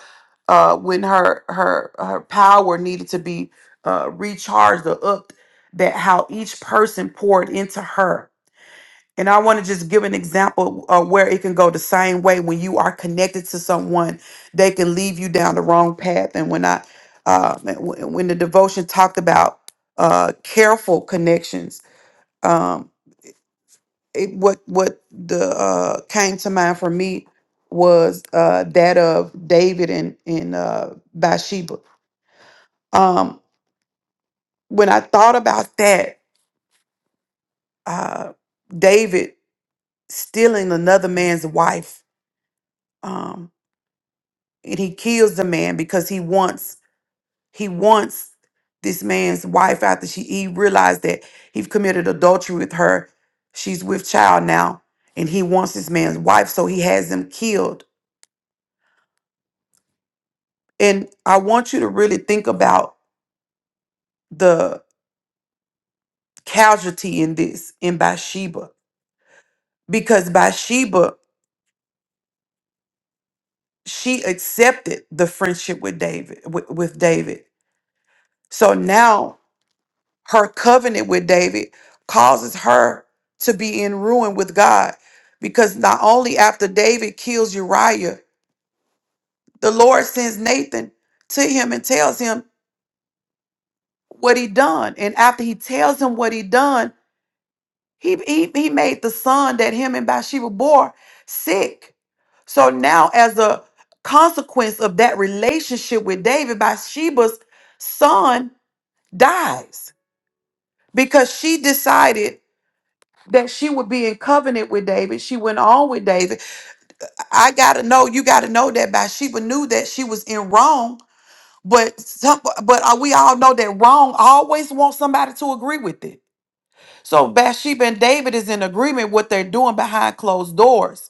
Speaker 4: uh when her her her power needed to be uh recharged or upped that how each person poured into her and i want to just give an example uh, where it can go the same way when you are connected to someone they can leave you down the wrong path and when i uh when when the devotion talked about uh careful connections um, it, what what the uh, came to mind for me was uh, that of David and and uh, Bathsheba. Um, when I thought about that, uh, David stealing another man's wife, um, and he kills the man because he wants he wants this man's wife after she he realized that he committed adultery with her. She's with child now, and he wants this man's wife, so he has him killed And I want you to really think about the casualty in this in Bathsheba because Bathsheba she accepted the friendship with David with, with David. So now her covenant with David causes her to be in ruin with God because not only after David kills Uriah, the Lord sends Nathan to him and tells him what he done. And after he tells him what he done, He, he, he made the son that him and Bathsheba bore sick. So now, as a consequence of that relationship with David, Bathsheba's son dies because she decided that she would be in covenant with David. She went on with David. I gotta know, you gotta know that Bathsheba knew that she was in wrong, but some, but uh, we all know that wrong always wants somebody to agree with it. So Bathsheba and David is in agreement what they're doing behind closed doors.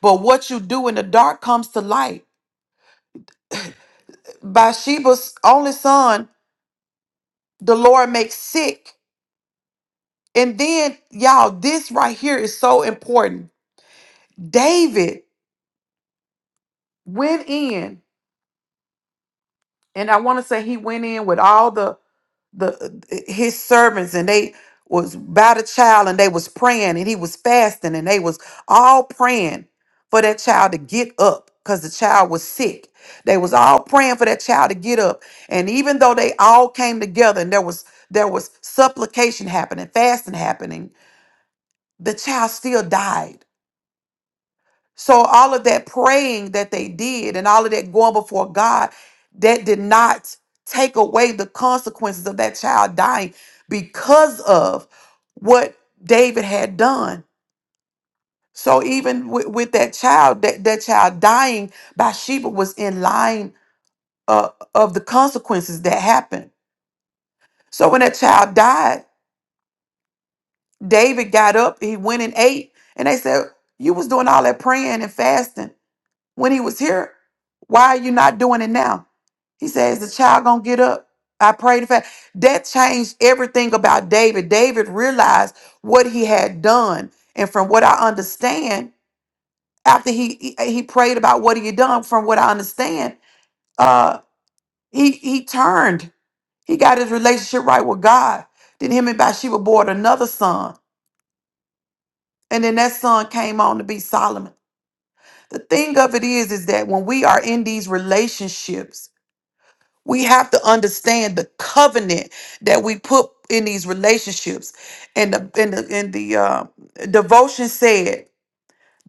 Speaker 4: But what you do in the dark comes to light. Bathsheba's only son, the Lord makes sick. And then, y'all, this right here is so important. David went in, and I want to say he went in with all the the uh, his servants and they was by the child and they was praying and he was fasting and they was all praying for that child to get up because the child was sick they was all praying for that child to get up and even though they all came together and there was there was supplication happening fasting happening the child still died so all of that praying that they did and all of that going before God, that did not take away the consequences of that child dying because of what David had done. So even with, with that child, that, that child dying, Bathsheba was in line uh, of the consequences that happened. So when that child died, David got up, he went and ate, and they said, "You was doing all that praying and fasting." when he was here. Why are you not doing it now? He says, the child gonna get up. I prayed for that changed everything about David. David realized what he had done. And from what I understand, after he he, uh, he prayed about what he had done, from what I understand, uh he he turned. He got his relationship right with God. Then him and Bathsheba bore another son. And then that son came on to be Solomon. The thing of it is, is that when we are in these relationships, We have to understand the covenant that we put in these relationships. And the and the, and the uh, devotion said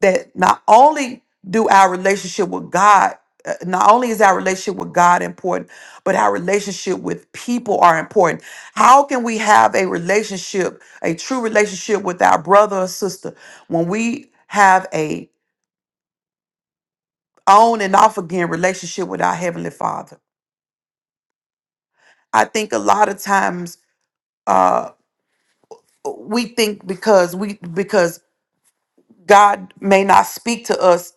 Speaker 4: that not only do our relationship with God, uh, not only is our relationship with God important, but our relationship with people are important. How can we have a relationship, a true relationship with our brother or sister, when we have a on and off again relationship with our heavenly Father? I think a lot of times. uh, we think because we because God may not speak to us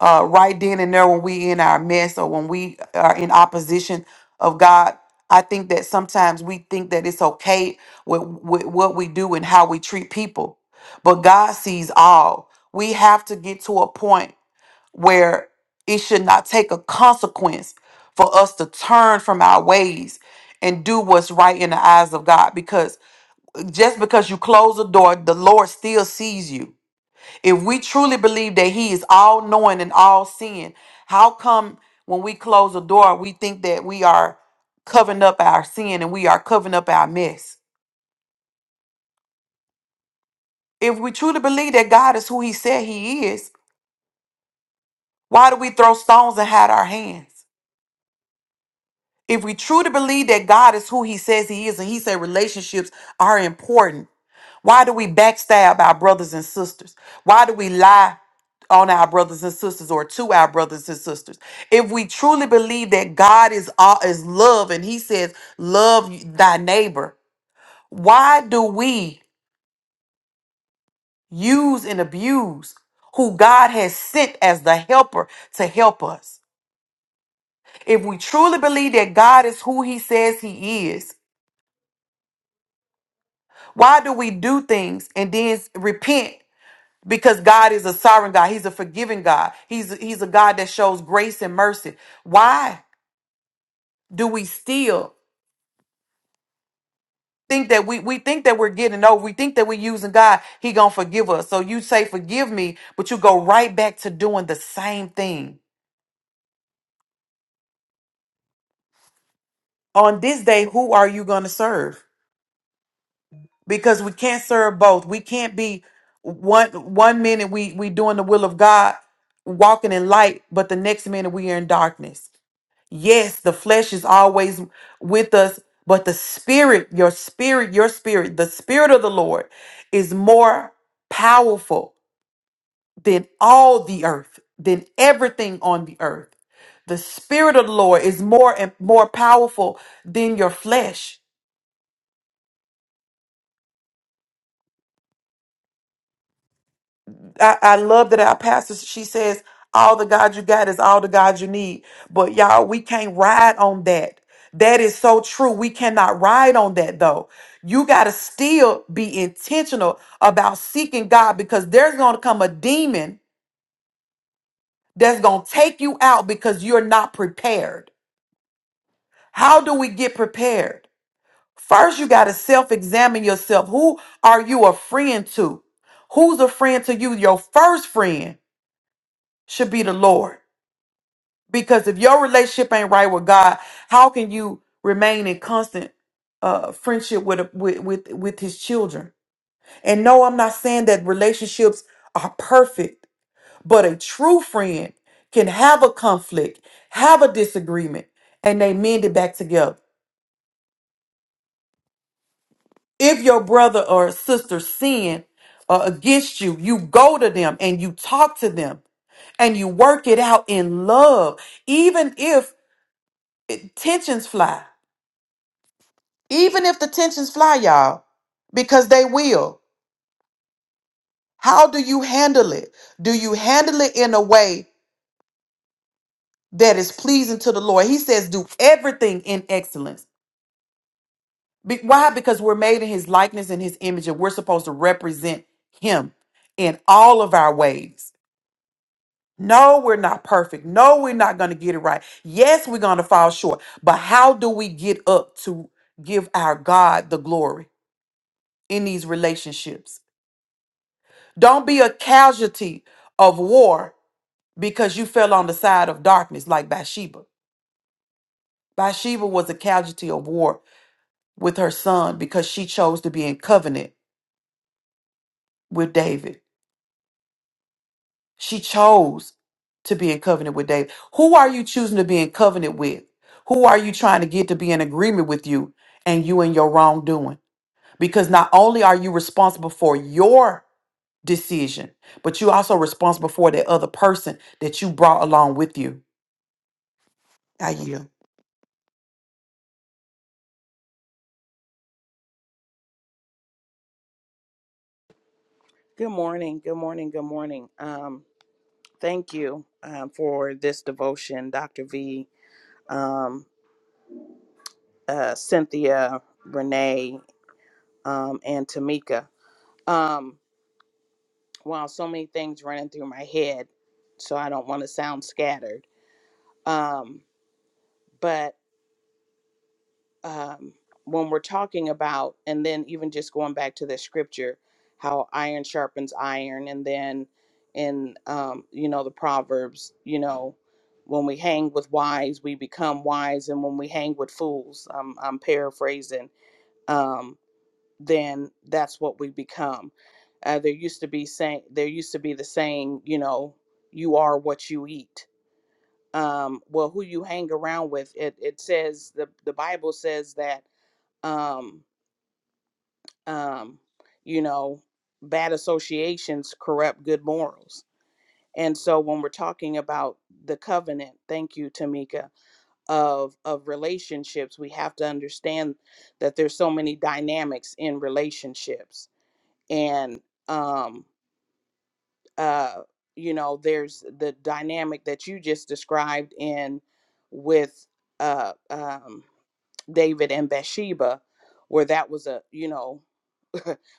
Speaker 4: uh, right then and there when we in our mess or when we are in opposition of God. I think that sometimes we think that it's okay with, with what we do and how we treat people, but God sees all. We have to get to a point where it should not take a consequence for us to turn from our ways and do what's right in the eyes of God just because you close the door, the Lord still sees you. If we truly believe that He is all knowing and all seeing, how come when we close the door, we think that we are covering up our sin and we are covering up our mess? If we truly believe that God is who He said He is, why do we throw stones and hide our hands? If we truly believe that God is who he says he is, and he said relationships are important, why do we backstab our brothers and sisters? Why do we lie on our brothers and sisters or to our brothers and sisters? If we truly believe that God is all is love and he says, love thy neighbor, why do we use and abuse who God has sent as the helper to help us? If we truly believe that God is who he says he is, Why do we do things and then repent? Because God is a sovereign God. He's a forgiving God. He's he's a God that shows grace and mercy. Why do we still think that we we think that we're getting over? We think that we're using God. He gonna forgive us. So you say forgive me, but you go right back to doing the same thing. On this day, who are you gonna serve? because we can't serve both. We can't be one one minute we we doing the will of God, walking in light, but the next minute we are in darkness. Yes, the flesh is always with us, but the spirit, your spirit, your spirit, the spirit of the Lord is more powerful than all the earth, than everything on the earth. The spirit of the Lord is more and more powerful than your flesh. I, I love that our pastor she says all the God you got is all the God you need. But y'all, we can't ride on that. That is so true. We cannot ride on that though. You got to still be intentional about seeking God because there's going to come a demon that's going to take you out because you're not prepared. How do we get prepared? First, you got to self examine yourself. Who are you a friend to? Who's a friend to you? Your first friend should be the Lord. Because if your relationship ain't right with God, how can you remain in constant uh, friendship with, a, with with with His children? And no, I'm not saying that relationships are perfect, but a true friend can have a conflict, have a disagreement, and they mend it back together. If your brother or sister sin uh, against you, you go to them and you talk to them and you work it out in love, even if it- tensions fly. Even if the tensions fly, y'all, because they will. How do you handle it? Do you handle it in a way that is pleasing to the Lord? He says, do everything in excellence. Be- why? Because we're made in his likeness and his image, and we're supposed to represent him in all of our ways. No, we're not perfect. No, we're not going to get it right. Yes, we're going to fall short. But how do we get up to give our God the glory in these relationships? Don't be a casualty of war because you fell on the side of darkness like Bathsheba. Bathsheba was a casualty of war with her son because she chose to be in covenant with David. She chose to be in covenant with David. Who are you choosing to be in covenant with? Who are you trying to get to be in agreement with you and you and your wrongdoing? Because not only are you responsible for your decision, but you're also responsible for that other person that you brought along with you. I yield.
Speaker 3: Good morning. Good morning. Good morning. Um, thank you um, for this devotion, Dr. V, um, uh, Cynthia, Renee, um, and Tamika. Um, wow, so many things running through my head, so I don't want to sound scattered. Um, but um, when we're talking about, and then even just going back to the scripture, how iron sharpens iron, and then in um, you know the proverbs, you know, when we hang with wise, we become wise, and when we hang with fools, um, I'm paraphrasing, um, then that's what we become. Uh, there used to be saying, there used to be the saying, you know, you are what you eat. Um, well, who you hang around with, it, it says the the Bible says that um, um, you know, bad associations corrupt good morals. And so when we're talking about the covenant, thank you, Tamika, of of relationships, we have to understand that there's so many dynamics in relationships. And um uh you know, there's the dynamic that you just described in with uh um David and Bathsheba, where that was a you know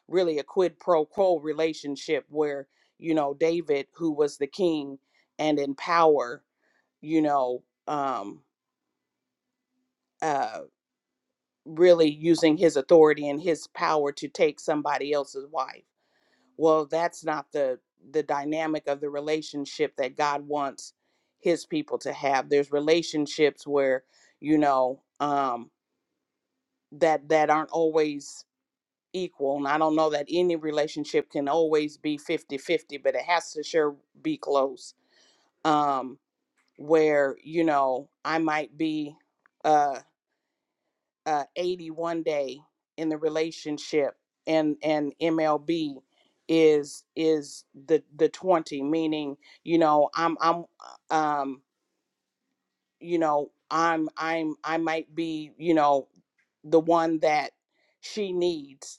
Speaker 3: really a quid pro quo relationship where you know David who was the king and in power you know um uh really using his authority and his power to take somebody else's wife well that's not the the dynamic of the relationship that God wants his people to have there's relationships where you know um that that aren't always equal. And I don't know that any relationship can always be fifty-fifty, but it has to sure be close. Um, where, you know, I might be uh, uh, eighty one day in the relationship and, and MLB is is the the 20 meaning you know i'm i'm uh, um you know i'm i'm i might be you know the one that she needs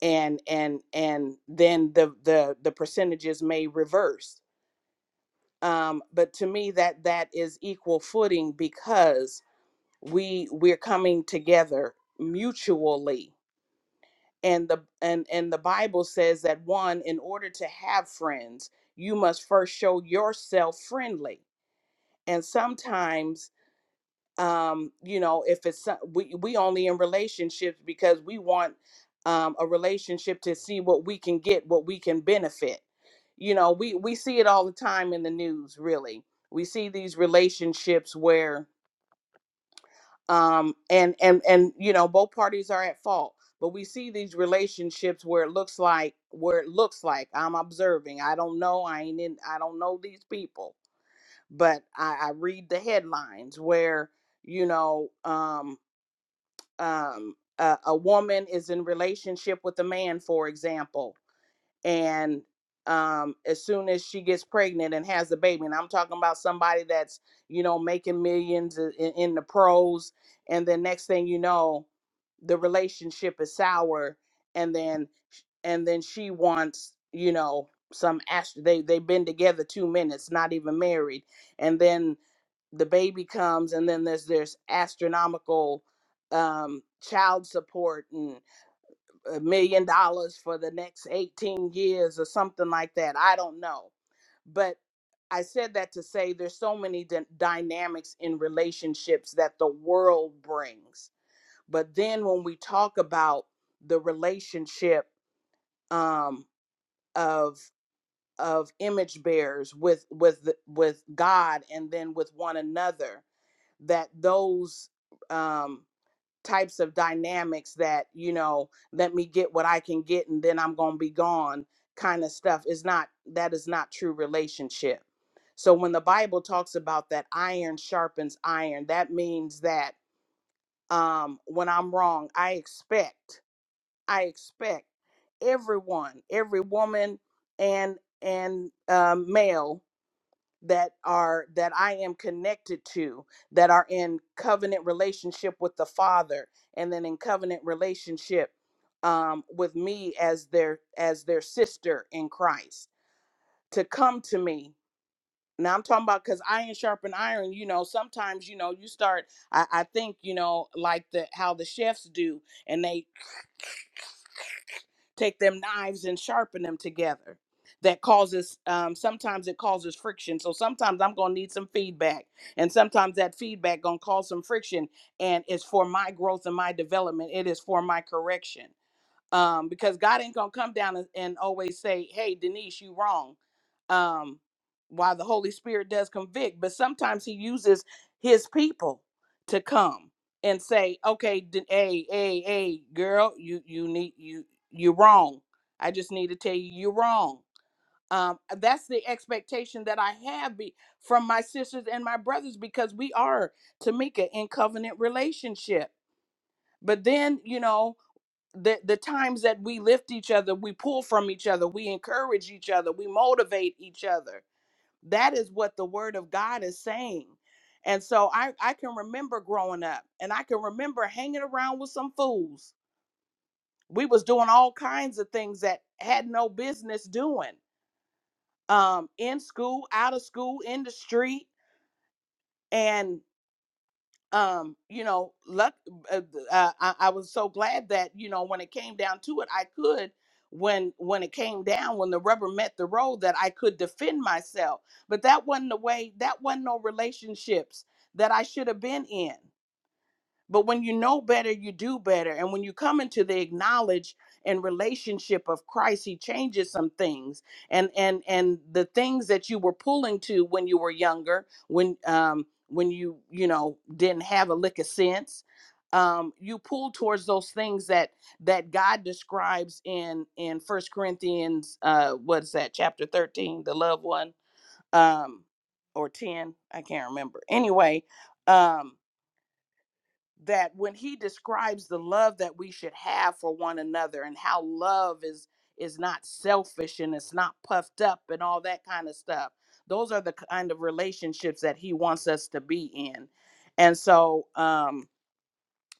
Speaker 3: and and and then the the the percentages may reverse um but to me that that is equal footing because we we're coming together mutually and the and and the bible says that one in order to have friends you must first show yourself friendly and sometimes um you know if it's so- we we only in relationships because we want um a relationship to see what we can get what we can benefit you know we we see it all the time in the news really we see these relationships where um and and and you know both parties are at fault but we see these relationships where it looks like where it looks like i'm observing i don't know i ain't in i don't know these people but i i read the headlines where you know um um, a, a woman is in relationship with a man, for example, and um, as soon as she gets pregnant and has a baby, and I'm talking about somebody that's you know making millions in, in the pros, and then next thing you know, the relationship is sour, and then and then she wants you know some ast- they they've been together two minutes, not even married, and then the baby comes and then there's there's astronomical um child support and a million dollars for the next 18 years or something like that i don't know but i said that to say there's so many d- dynamics in relationships that the world brings but then when we talk about the relationship um of of image bearers with with the, with god and then with one another that those um types of dynamics that you know let me get what i can get and then i'm gonna be gone kind of stuff is not that is not true relationship so when the bible talks about that iron sharpens iron that means that um when i'm wrong i expect i expect everyone every woman and and um, male that are that I am connected to that are in covenant relationship with the Father and then in covenant relationship um, with me as their as their sister in Christ to come to me. Now I'm talking about because iron sharpen iron. You know, sometimes you know you start. I, I think you know like the how the chefs do, and they take them knives and sharpen them together that causes um, sometimes it causes friction so sometimes i'm gonna need some feedback and sometimes that feedback gonna cause some friction and it's for my growth and my development it is for my correction um, because God ain't gonna come down and, and always say, "Hey, Denise, you wrong." Um, while the Holy Spirit does convict, but sometimes He uses His people to come and say, "Okay, Den- hey, hey, hey, girl, you you need you you're wrong. I just need to tell you you're wrong." Um, that's the expectation that I have be- from my sisters and my brothers because we are Tamika in covenant relationship. But then you know the the times that we lift each other, we pull from each other, we encourage each other, we motivate each other. That is what the word of God is saying. And so I I can remember growing up and I can remember hanging around with some fools. We was doing all kinds of things that had no business doing. Um in school, out of school, in the street, and. um, you know, luck. Uh, uh, I, I was so glad that you know when it came down to it, I could. When when it came down, when the rubber met the road, that I could defend myself. But that wasn't the way. That wasn't no relationships that I should have been in. But when you know better, you do better. And when you come into the acknowledge and relationship of Christ, he changes some things. And and and the things that you were pulling to when you were younger, when um when you, you know, didn't have a lick of sense, um, you pull towards those things that that God describes in in First Corinthians uh what's that, chapter 13, the loved one, um, or 10, I can't remember. Anyway, um that when he describes the love that we should have for one another and how love is is not selfish and it's not puffed up and all that kind of stuff those are the kind of relationships that he wants us to be in and so um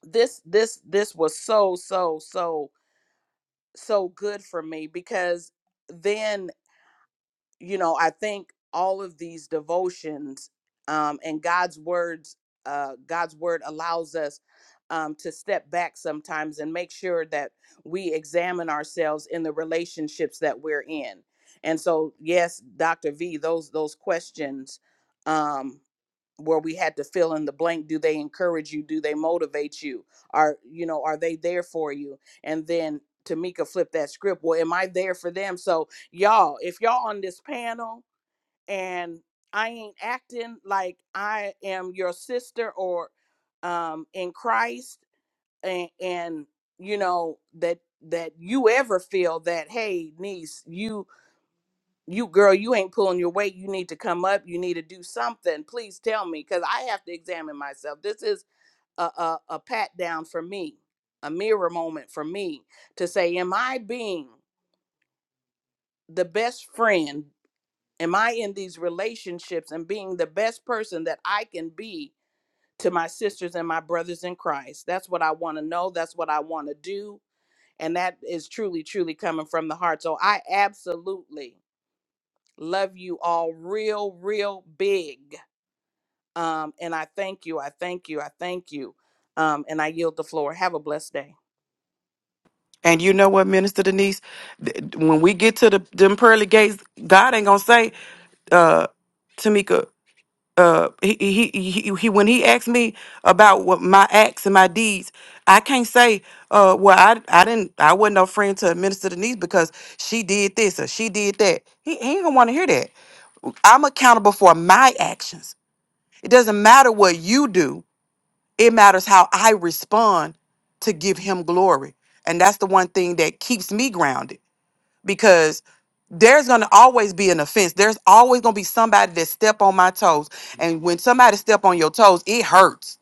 Speaker 3: this this this was so so so so good for me because then you know, I think all of these devotions um, and God's words, uh, God's word allows us um, to step back sometimes and make sure that we examine ourselves in the relationships that we're in. And so, yes, Dr. V, those those questions. Um, where we had to fill in the blank do they encourage you do they motivate you are you know are they there for you and then tamika flipped that script well am i there for them so y'all if y'all on this panel and i ain't acting like i am your sister or um in christ and and you know that that you ever feel that hey niece you you girl you ain't pulling your weight you need to come up you need to do something please tell me because i have to examine myself this is a, a, a pat down for me a mirror moment for me to say am i being the best friend am i in these relationships and being the best person that i can be to my sisters and my brothers in christ that's what i want to know that's what i want to do and that is truly truly coming from the heart so i absolutely Love you all real, real big. Um, and I thank you. I thank you. I thank you. Um, and I yield the floor. Have a blessed day.
Speaker 4: And you know what, Minister Denise, Th- when we get to the them pearly gates, God ain't gonna say, uh, Tamika. Uh, he, he he he when he asked me about what my acts and my deeds, I can't say, uh, well, I I didn't I wasn't no friend to Minister Denise because she did this or she did that. He, he ain't gonna want to hear that. I'm accountable for my actions. It doesn't matter what you do. It matters how I respond to give him glory, and that's the one thing that keeps me grounded because there's going to always be an offense. There's always going to be somebody that step on my toes. And when somebody step on your toes, it hurts.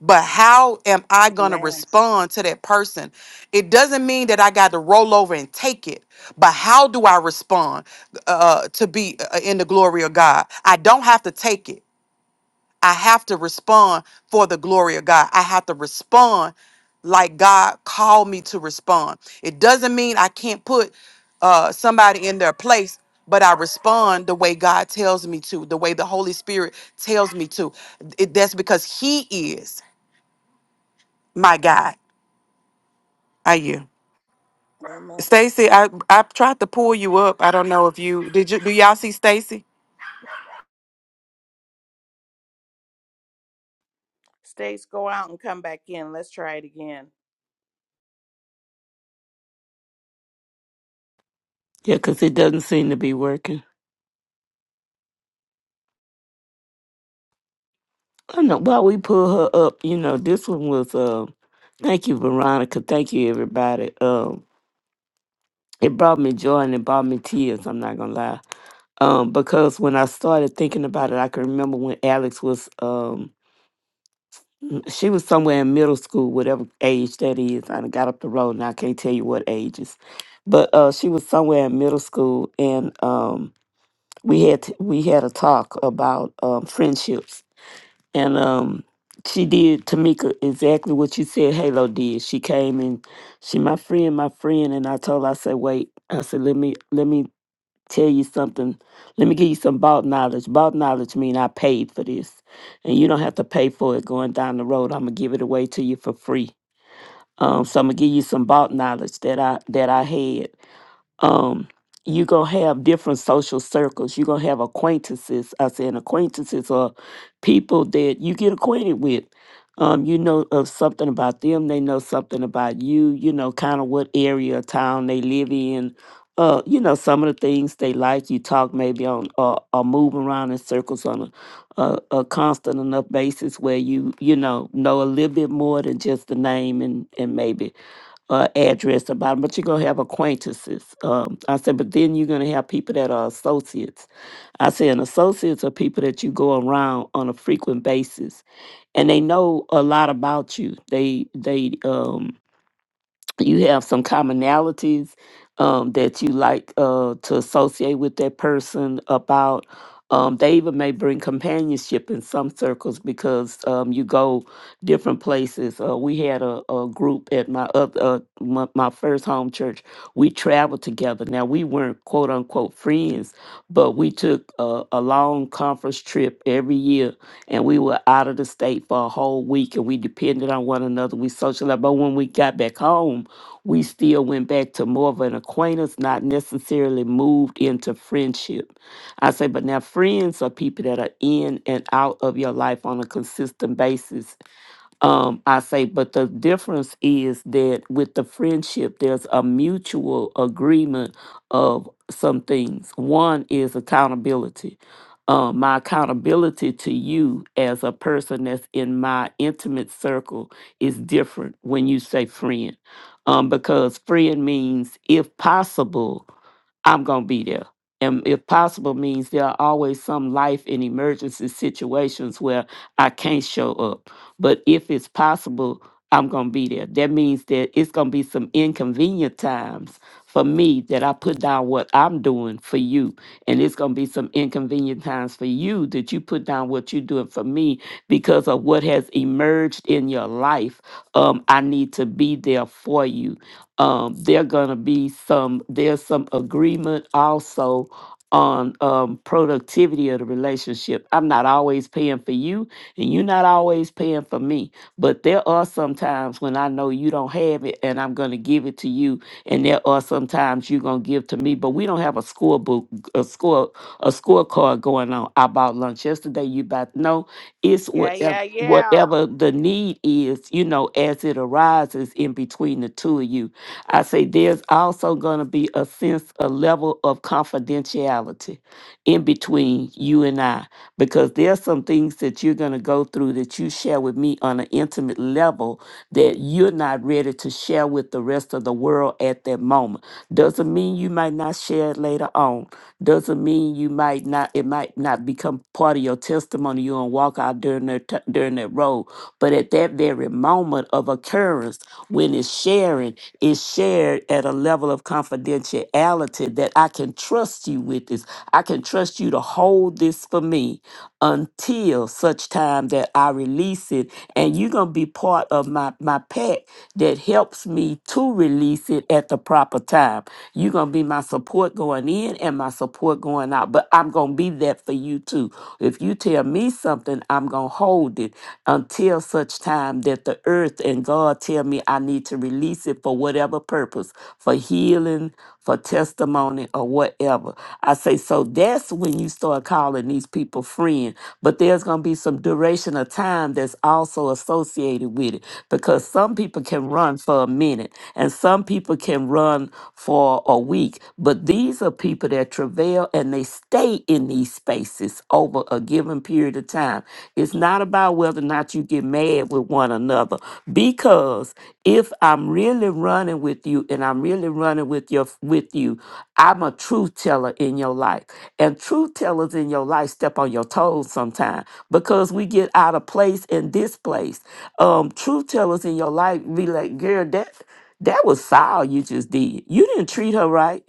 Speaker 4: But how am I going to
Speaker 3: Amen.
Speaker 4: respond to that person? It doesn't mean that I got to roll over and take it, but how do I respond uh, to be uh, in the glory of God? I don't have to take it. I have to respond for the glory of God. I have to respond like God called me to respond. It doesn't mean I can't put uh, somebody in their place, but I respond the way God tells me to, the way the Holy Spirit tells me to. It, that's because He is my God. Are you,
Speaker 3: Amen.
Speaker 4: Stacy? I I tried to pull you up. I don't know if you did. You do y'all see Stacy?
Speaker 3: States go out and come back in. Let's try it again.
Speaker 6: Yeah, 'cause it doesn't seem to be working. I don't know. While we pull her up, you know, this one was, uh, thank you, Veronica. Thank you, everybody. Um, it brought me joy and it brought me tears. I'm not going to lie. Um, because when I started thinking about it, I can remember when Alex was, um, she was somewhere in middle school, whatever age that is. I done got up the road and I can't tell you what ages, but, uh, she was somewhere in middle school and, um, we had, t- we had a talk about, um, friendships And um, she did Tamika exactly what you said Halo did. She came and she my friend, my friend, and I told her, I said, wait, I said, let me let me tell you something. Let me give you some bought knowledge. Bought knowledge mean I paid for this. And you don't have to pay for it going down the road. I'm gonna give it away to you for free. Um, so I'm gonna give you some bought knowledge that I that I had um you're gonna have different social circles you're gonna have acquaintances i said acquaintances are people that you get acquainted with um you know of something about them they know something about you you know kind of what area of town they live in uh you know some of the things they like you talk maybe on or, or move around in circles on a, a a constant enough basis where you you know know a little bit more than just the name and and maybe uh, address about 'em, but you're gonna have acquaintances. Um, I said, but then you're gonna have people that are associates. I said, and associates are people that you go around on a frequent basis, and they know a lot about you. They they um you have some commonalities um, that you like uh, to associate with that person about um, they even may bring companionship in some circles because um, you go different places uh, we had a, a group at my, oth- uh, my my first home church we traveled together now we weren't quote unquote friends but we took a, a long conference trip every year and we were out of the state for a whole week and we depended on one another we socialized but when we got back home we still went back to more of an acquaintance, not necessarily moved into friendship. I say, but now friends are people that are in and out of your life on a consistent basis um, I say, but the difference is that with the friendship, there's a mutual agreement of some things. One is accountability. Um, my accountability to you as a person that's in my intimate circle is different when you say friend, um, because friend means, if possible, I'm gonna be there. And if possible means there are always some life and emergency situations where I can't show up. But if it's possible, I'm going to be there. That means that it's going to be some inconvenient times for me that I put down what I'm doing for you. And it's going to be some inconvenient times for you that you put down what you're doing for me because of what has emerged in your life. Um, I need to be there for you. Um, there gonna be some. There's some agreement also on um, productivity of the relationship. I'm not always paying for you. And you're not always paying for me. But there are some times when I know you don't have it and I'm going to give it to you. And there are some times you're going to give to me. But we don't have a scorebook, a score, a scorecard going on. I bought lunch yesterday. You bought, no, it's
Speaker 3: Yeah,
Speaker 6: whatever.
Speaker 3: yeah, yeah.
Speaker 6: Whatever the need is, you know, as it arises in between the two of you, I say there's also going to be a sense, a level of confidentiality in between you and I because there's some things that you're going to go through that you share with me on an intimate level that you're not ready to share with the rest of the world at that moment. Doesn't mean you might not share it later on. Doesn't mean you might not, it might not become part of your testimony. You don't walk out during that, t- during that road. But at that very moment of occurrence, when it's sharing, it's shared at a level of confidentiality that I can trust you with it I can trust you to hold this for me until such time that I release it. And you're going to be part of my, my pack that helps me to release it at the proper time. You're going to be my support going in and my support going out. But I'm going to be that for you too. If you tell me something, I'm going to hold it until such time that the earth and God tell me I need to release it for whatever purpose, for healing for testimony or whatever. I say, so that's when you start calling these people friend. But there's going to be some duration of time that's also associated with it because some people can run for a minute and some people can run for a week. But these are people that travail and they stay in these spaces over a given period of period of time. It's not about whether or not you get mad with one another. Because if I'm really running with you and I'm really running with your with you, I'm a truth teller in your life. And truth tellers in your life step on your toes sometimes because we get out of place and displaced. Um, truth tellers in your life be like, girl, that that was foul you just did. You didn't treat her right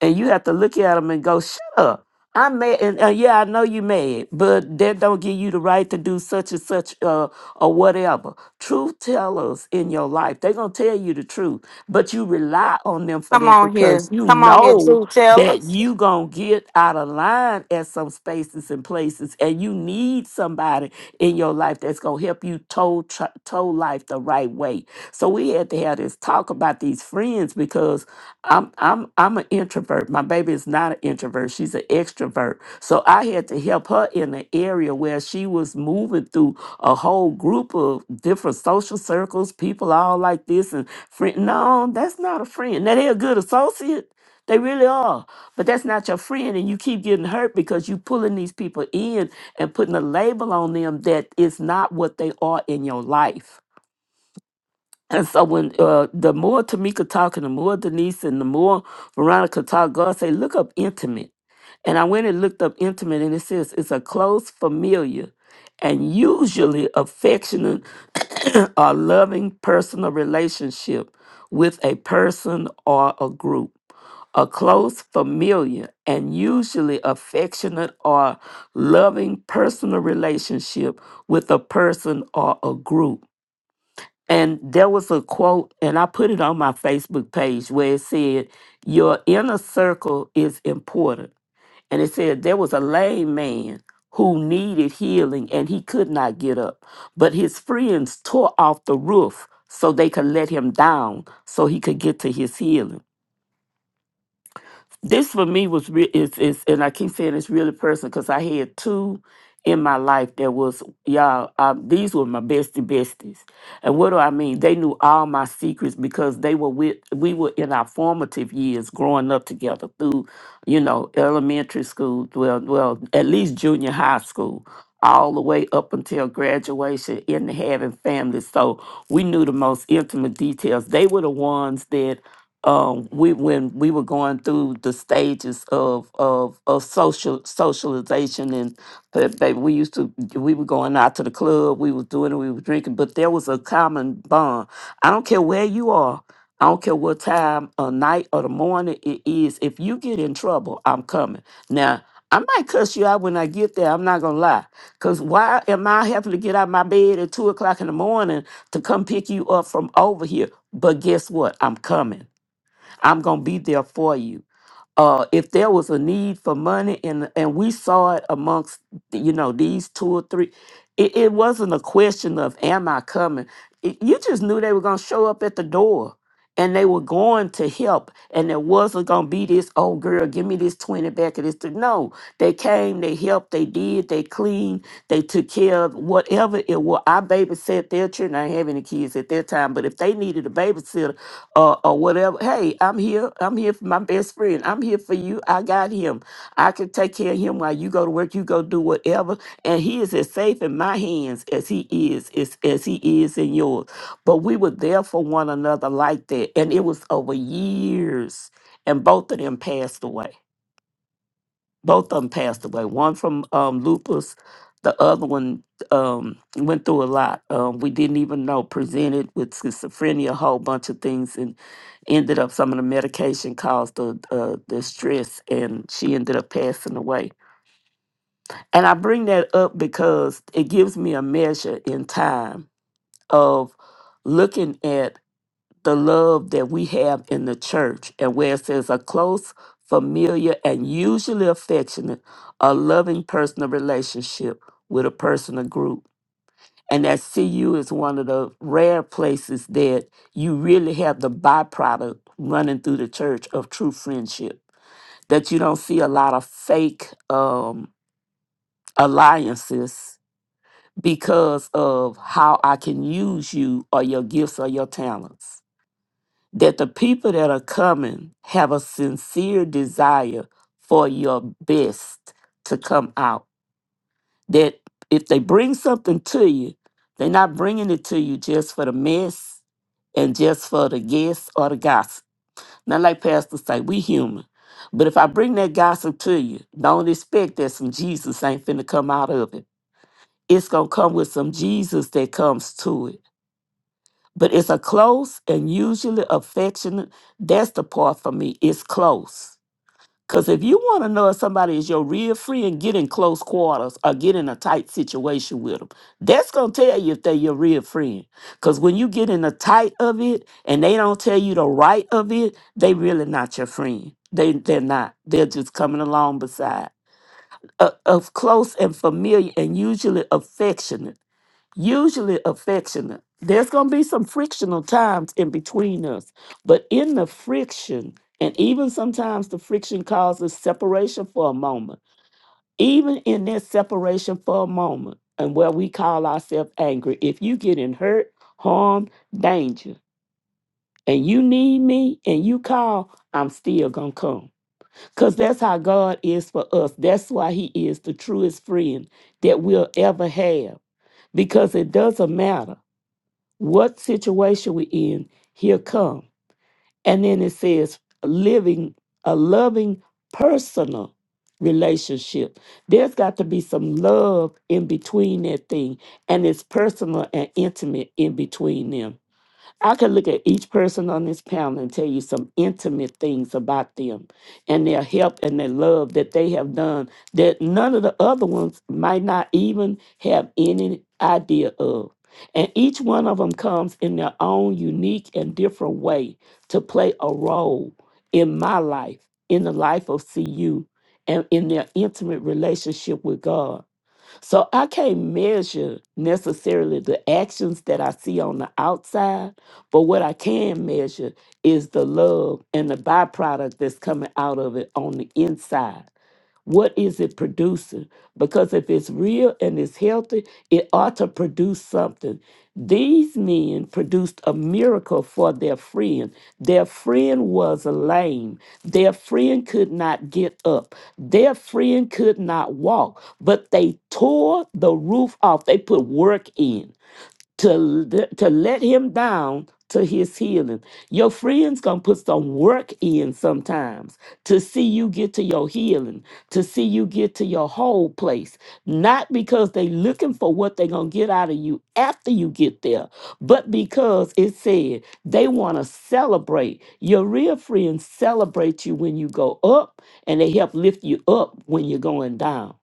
Speaker 6: and you have to look at them and go, "Shut up." I'm mad, and uh, yeah, I know you mad, but that don't give you the right to do such and such uh, or whatever. Truth tellers in your life, they're gonna tell you the truth, but you rely on them for
Speaker 2: Come
Speaker 6: that
Speaker 2: on
Speaker 6: because
Speaker 2: here.
Speaker 6: you
Speaker 2: Come on here,
Speaker 6: know
Speaker 2: true
Speaker 6: that
Speaker 2: tellers.
Speaker 6: you gonna get out of line at some spaces and places, and you need somebody in your life that's gonna help you toe tr- toe life the right way. So we had to have this talk about these friends because I'm I'm I'm an introvert. My baby is not an introvert. She's an extrovert. So I had to help her in an area where she was moving through a whole group of different social circles, people all like this and friend. No, that's not a friend. Now they're a good associate. They really are. But that's not your friend. And you keep getting hurt because you pulling these people in and putting a label on them that is not what they are in your life and so when uh, the more Tamika talk and the more Denise and the more Veronica talk, God say, look up intimate. And I went and looked up intimate, and it says it's a close familiar and usually affectionate or loving personal relationship with a person or a group. A close familiar and usually affectionate or loving personal relationship with a person or a group and there was a quote, and I put it on my Facebook page where it said, Your inner circle is important. And it said, There was a lame man who needed healing and he could not get up, but his friends tore off the roof so they could let him down so he could get to his healing this for me was real is it's and i keep saying it's really personal because i had two in my life that was y'all um, these were my bestie besties and what do i mean they knew all my secrets because they were with we were in our formative years growing up together through you know elementary school well well at least junior high school all the way up until graduation in having families so we knew the most intimate details they were the ones that um we when we were going through the stages of of of social socialization and uh, baby we used to we were going out to the club we was doing it we were drinking but there was a common bond i don't care where you are i don't care what time or night or the morning it is if you get in trouble i'm coming now I might cuss you out when I get there. I'm not gonna lie, cause why am I having to get out of my bed at two o'clock in the morning to come pick you up from over here? But guess what? I'm coming. I'm gonna be there for you. Uh, if there was a need for money, and and we saw it amongst you know these two or three, it, it wasn't a question of am I coming. It- you just knew they were gonna show up at the door, and they were going to help, and there wasn't gonna be this oh girl, give me this twenty back of this. th-" No, they came, they helped, they did, they cleaned, they took care of whatever it was. I babysat their children. I didn't have any kids at that time, but if they needed a babysitter or, or whatever. Hey, I'm here. I'm here for my best friend. I'm here for you. I got him. I can take care of him while you go to work. You go do whatever. And he is as safe in my hands as he is, as, as he is in yours. But we were there for one another like that. And it was over years. And both of them passed away both of them passed away. One from um, lupus, the other one um, went through a lot. Um, we didn't even know. Presented with schizophrenia, a whole bunch of things, and ended up some of the medication caused the uh, the stress, and she ended up passing away. And I bring that up because it gives me a measure in time of looking at the love that we have in the church and where it says a close, familiar, and usually affectionate, a loving personal relationship with a person or group. And that CU is one of the rare places that you really have the byproduct running through the church of true friendship. That you don't see a lot of fake um, alliances because of how I can use you or your gifts or your talents that the people that are coming have a sincere desire for your best to come out. That if they bring something to you, they're not bringing it to you just for the mess and just for the guests or the gossip. Not like Pastor say, we human. But if I bring that gossip to you, don't expect that some Jesus ain't finna come out of it. It's gonna come with some Jesus that comes to it but it's a close and usually affectionate. That's the part for me. It's close. Because if you want to know if somebody is your real friend, get in close quarters or get in a tight situation with them. That's going to tell you if they're your real friend. Because when you get in the tight of it and they don't tell you the right of it, they really not your friend. They, they're not. They're just coming along beside. Uh, of close and familiar and usually affectionate usually affectionate. There's going to be some frictional times in between us, but in the friction, and even sometimes the friction causes separation for a moment, even in that separation for a moment, and where we call ourselves angry, if you get in hurt, harm, danger, and you need me and you call, I'm still going to come. Because that's how God is for us. That's why He is the truest friend that we'll ever have. Because it doesn't matter what situation we in, here come. And then it says living a loving personal relationship. There's got to be some love in between that thing, and it's personal and intimate in between them. I could look at each person on this panel and tell you some intimate things about them and their help and their love that they have done that none of the other ones might not even have any idea of. And each one of them comes in their own unique and different way to play a role in my life, in the life of CU, and in their intimate relationship with God. So I can't measure necessarily the actions that I see on the outside, but what I can measure is the love and the byproduct that's coming out of it on the inside. What is it producing? Because if it's real and it's healthy, it ought to produce something. These men produced a miracle for their friend. Their friend was lame. Their friend could not get up. Their friend could not walk, but they tore the roof off. They put work in to, l- to let him down to his healing. Your friends gonna put some work in sometimes to see you get to your healing, to see you get to your whole place. Not because they looking for what they gonna get out of you after you get there, but because it said they wanna celebrate. Your real friends celebrate you when you go up and they help lift you up when you're going down.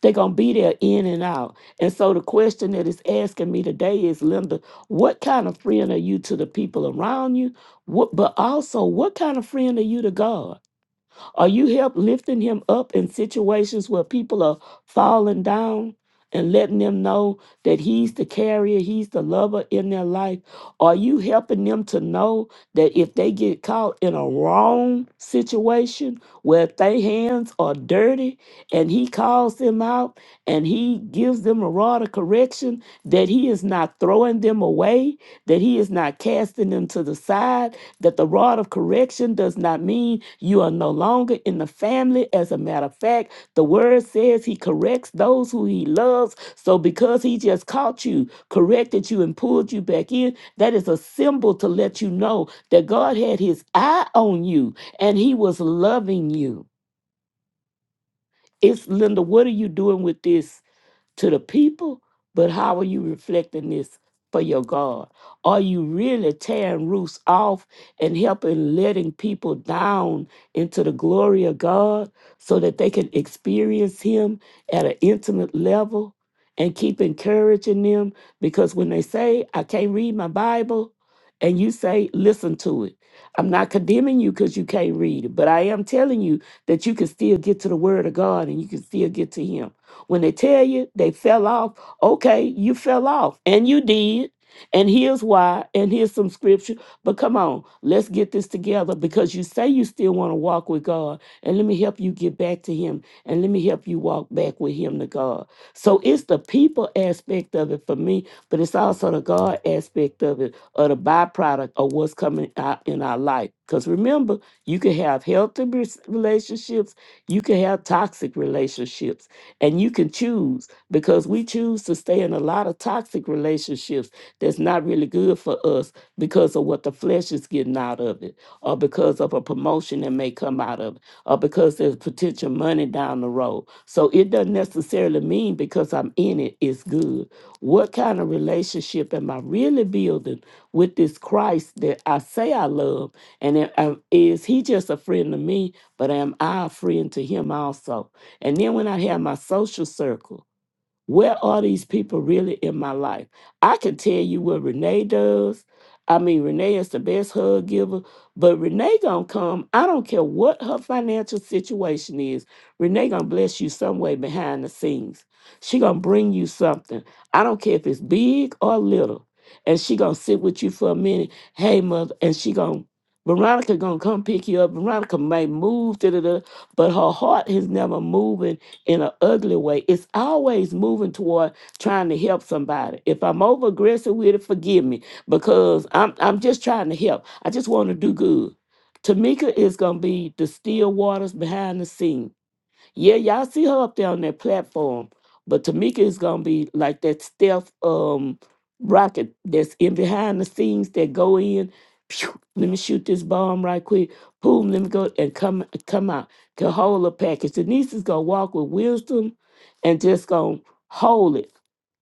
Speaker 6: They're gonna be there in and out and so the question that is asking me today is, Linda, what kind of friend are you to the people around you? What, but also, what kind of friend are you to God? Are you help lifting him up in situations where people are falling down and letting them know that he's the carrier, he's the lover in their life? Are you helping them to know that if they get caught in a wrong situation where their hands are dirty and he calls them out and he gives them a rod of correction, that he is not throwing them away, that he is not casting them to the side? that the rod of correction does not mean you are no longer in the family. As a matter of fact, the word says he corrects those who he loves. So because he just caught you, corrected you, and pulled you back in, that is a symbol to let you know that God had his eye on you and he was loving you. It's Linda, what are you doing with this? to the people, but how are you reflecting this for your God? Are you really tearing roots off and helping letting people down into the glory of God so that they can experience Him at an intimate level? And keep encouraging them because when they say, I can't read my Bible, and you say, listen to it. I'm not condemning you because you can't read it, but I am telling you that you can still get to the Word of God and you can still get to Him when they tell you they fell off, okay, you fell off and you did. And here's why, and here's some scripture. But come on, let's get this together because you say you still want to walk with God. And let me help you get back to Him. And let me help you walk back with Him to God. So it's the people aspect of it for me, but it's also the God aspect of it, or the byproduct of what's coming out in our life. Because remember, you can have healthy res- relationships, you can have toxic relationships. And you can choose because we choose to stay in a lot of toxic relationships that's not really good for us because of what the flesh is getting out of it, or because of a promotion that may come out of it, or because there's potential money down the road. So it doesn't necessarily mean because I'm in it, it's good. What kind of relationship am I really building with this Christ that I say I love? And am- am- is he just a friend to me, but am I a friend to him also? And then when I have my social circle, where are these people really in my life? I can tell you what Renee does. I mean, Renee is the best hug giver, but Renee gonna come. I don't care what her financial situation is. Renee gonna bless you some way behind the scenes. She gonna bring you something. I don't care if it's big or little. And she gonna sit with you for a minute. Hey, mother, and she gonna Veronica gonna come pick you up. Veronica may move, da da da, but her heart is never moving in an ugly way. It's always moving toward trying to help somebody. If I'm over aggressive with it, forgive me because I'm I'm just trying to help. I just want to do good. Tamika is gonna be the still waters behind the scenes yeah, y'all see her up there on that platform, but Tamika is gonna be like that stealth um rocket that's in behind the scenes that go in. Pew, let me shoot this bomb right quick. Boom, let me go and come come out. Can hold a package. Denise is gonna walk with wisdom and just gonna hold it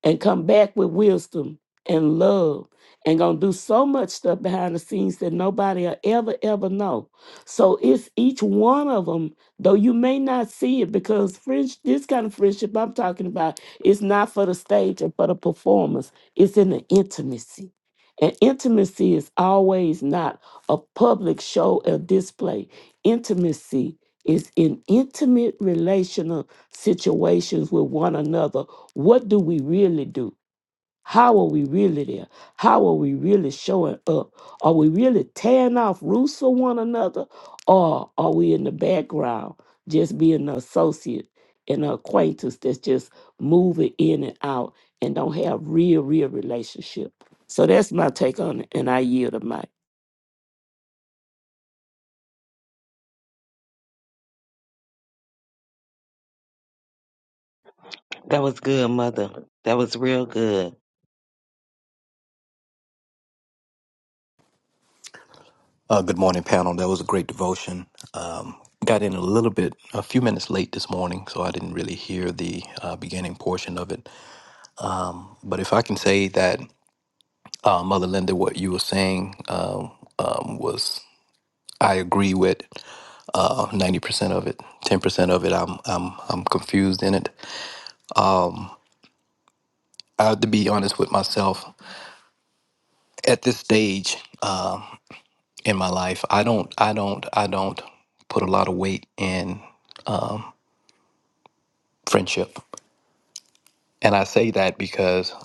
Speaker 6: and come back with wisdom and love and gonna do so much stuff behind the scenes that nobody will ever ever know so it's each one of them Though you may not see it because friends, this kind of friendship I'm talking about is not for the stage or for the performance. It's in the intimacy. And intimacy is always not a public show or display. Intimacy is in intimate relational situations with one another. What do we really do? How are we really there? How are we really showing up? Are we really tearing off roofs for one another? Or are we in the background just being an associate and an acquaintance that's just moving in and out and don't have real, real relationship? So that's my take on it, and I yield to mic.
Speaker 1: That was good, mother. That was real good.
Speaker 7: Uh, good morning, panel. That was a great devotion. Um, got in a little bit, a few minutes late this morning, so I didn't really hear the uh, beginning portion of it. Um, but if I can say that, uh, Mother Linda, what you were saying um, um, was I agree with uh, ninety percent of it. Ten percent of it, I'm I'm I'm confused in it. I have to be honest with myself at this stage uh, in my life. I don't I don't I don't put a lot of weight in friendship. And I say that because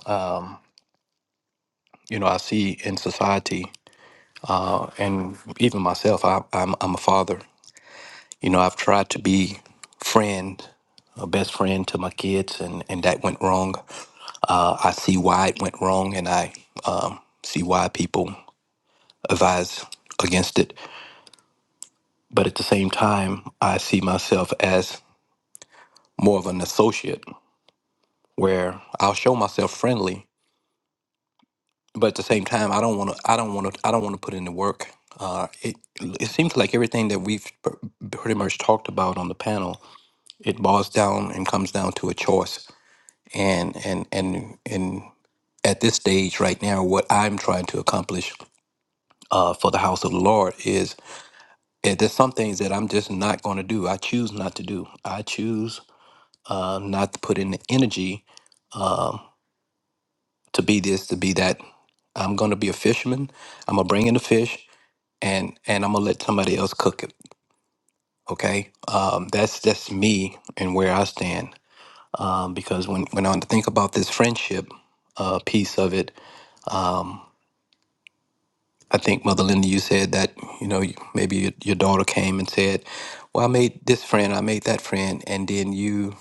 Speaker 7: you know, I see in society uh, and even myself, I, I'm, I'm a father. You know, I've tried to be friend, a best friend to my kids, and, and that went wrong. Uh, I see why it went wrong, and I um, see why people advise against it. But at the same time, I see myself as more of an associate where I'll show myself friendly but at the same time, I don't want to. I don't want to. I don't want to put in the work. Uh, it it seems like everything that we've pr- pretty much talked about on the panel, it boils down and comes down to a choice. And and and and at this stage right now, what I'm trying to accomplish uh, for the house of the Lord is eh, there's some things that I'm just not going to do. I choose not to do. I choose uh, not to put in the energy um, to be this, to be that. I'm going to be a fisherman. I'm going to bring in the fish and and I'm gonna let somebody else cook it. Okay, um, that's that's me and where I stand. Um, because when when I think about this friendship uh, piece of it, I think Mother Linda, you said that you know you- maybe your, your daughter came and said, "Well, I made this friend, I made that friend," and then you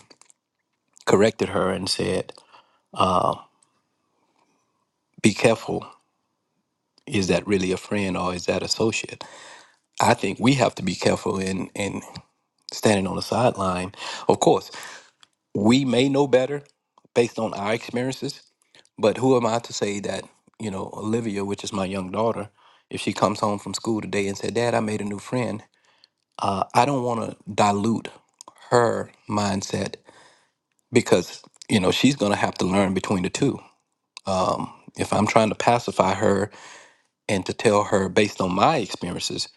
Speaker 7: corrected her and said, "Be careful." Is that really a friend or is that associate? I think we have to be careful in in standing on the sideline. Of course, we may know better based on our experiences, but who am I to say that, you know, Olivia, which is my young daughter, if she comes home from school today and said, Dad, I made a new friend, uh, I don't want to dilute her mindset because, you know, she's going to have to learn between the two. Um, if I'm trying to pacify her and to tell her based on my experiences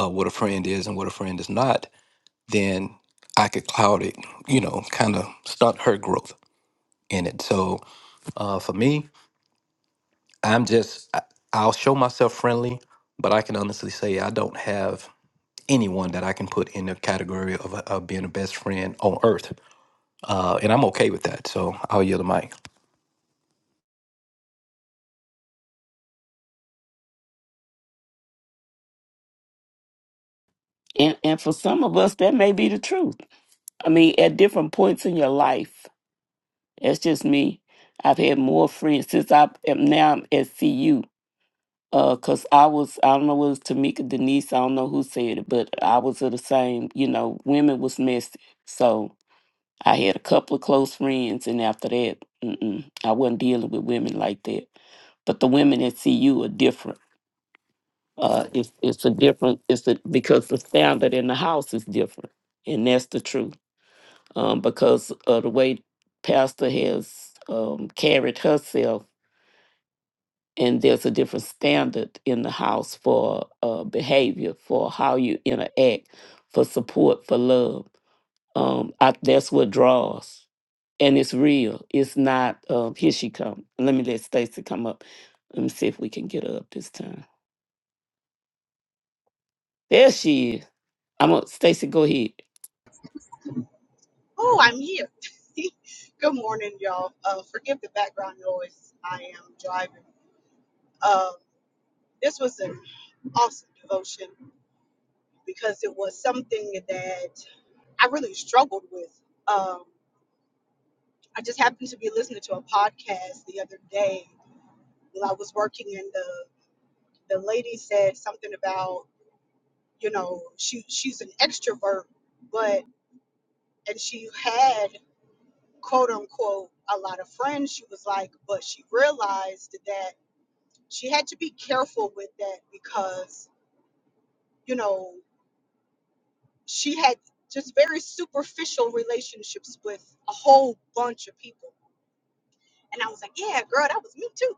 Speaker 7: uh, what a friend is and what a friend is not, then I could cloud it, you know, kind of stunt her growth in it. So uh, for me, I'm just, I- I'll show myself friendly, but I can honestly say I don't have anyone that I can put in the category of, of being the best friend on earth. Uh, and I'm okay with that. So I'll yield the mic.
Speaker 6: And, and for some of us, that may be the truth. I mean, at different points in your life, that's just me. I've had more friends since I am now I'm at CU. Uh, cause I was, I don't know, it was Tamika Denise, I don't know who said it, but I was of the same, you know, women was messy. So I had a couple of close friends, and after that, mm-mm, I wasn't dealing with women like that. But the women at CU are different. Uh, it's it's a different, it's a, because the standard in the house is different, and that's the truth. Um, because of the way Pastor has um, carried herself and there's a different standard in the house for uh, behavior, for how you interact, for support, for love. Um, I, that's what draws, and it's real. It's not. Um, here she come. Let me let Stacy come up. Let me see if we can get her up this time. There she is. I'm on Stacy. Go ahead.
Speaker 8: Oh, I'm here. Good morning, y'all. Uh, forgive the background noise. I am driving. Um, this was an awesome devotion because it was something that I really struggled with. Um, I just happened to be listening to a podcast the other day while I was working, and the the lady said something about you know she she's an extrovert, but and she had quote unquote a lot of friends. She was like, but she realized that she had to be careful with that because you know she had just very superficial relationships with a whole bunch of people and i was like yeah girl that was me too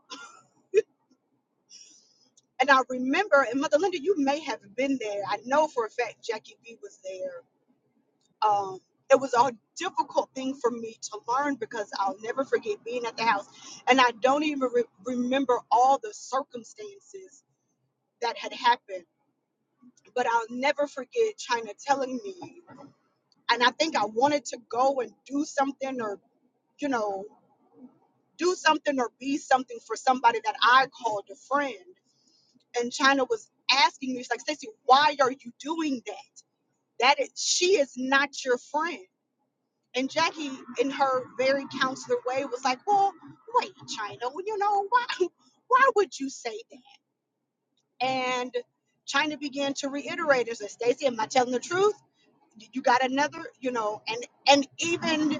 Speaker 8: and i remember and mother linda you may have been there i know for a fact jackie b was there um it was a difficult thing for me to learn because I'll never forget being at the house. And I don't even re- remember all the circumstances that had happened but I'll never forget China telling me. and I think I wanted to go and do something or, you know, do something or be something for somebody that I called a friend. And China was asking me, she's like, Stacey, why are you doing that? That is, she is not your friend. And Jackie, in her very counselor way, was like, well, wait, China, well, you know, why, why would you say that? And China began to reiterate, and said, Stacey, am I telling the truth? You got another, you know, and and even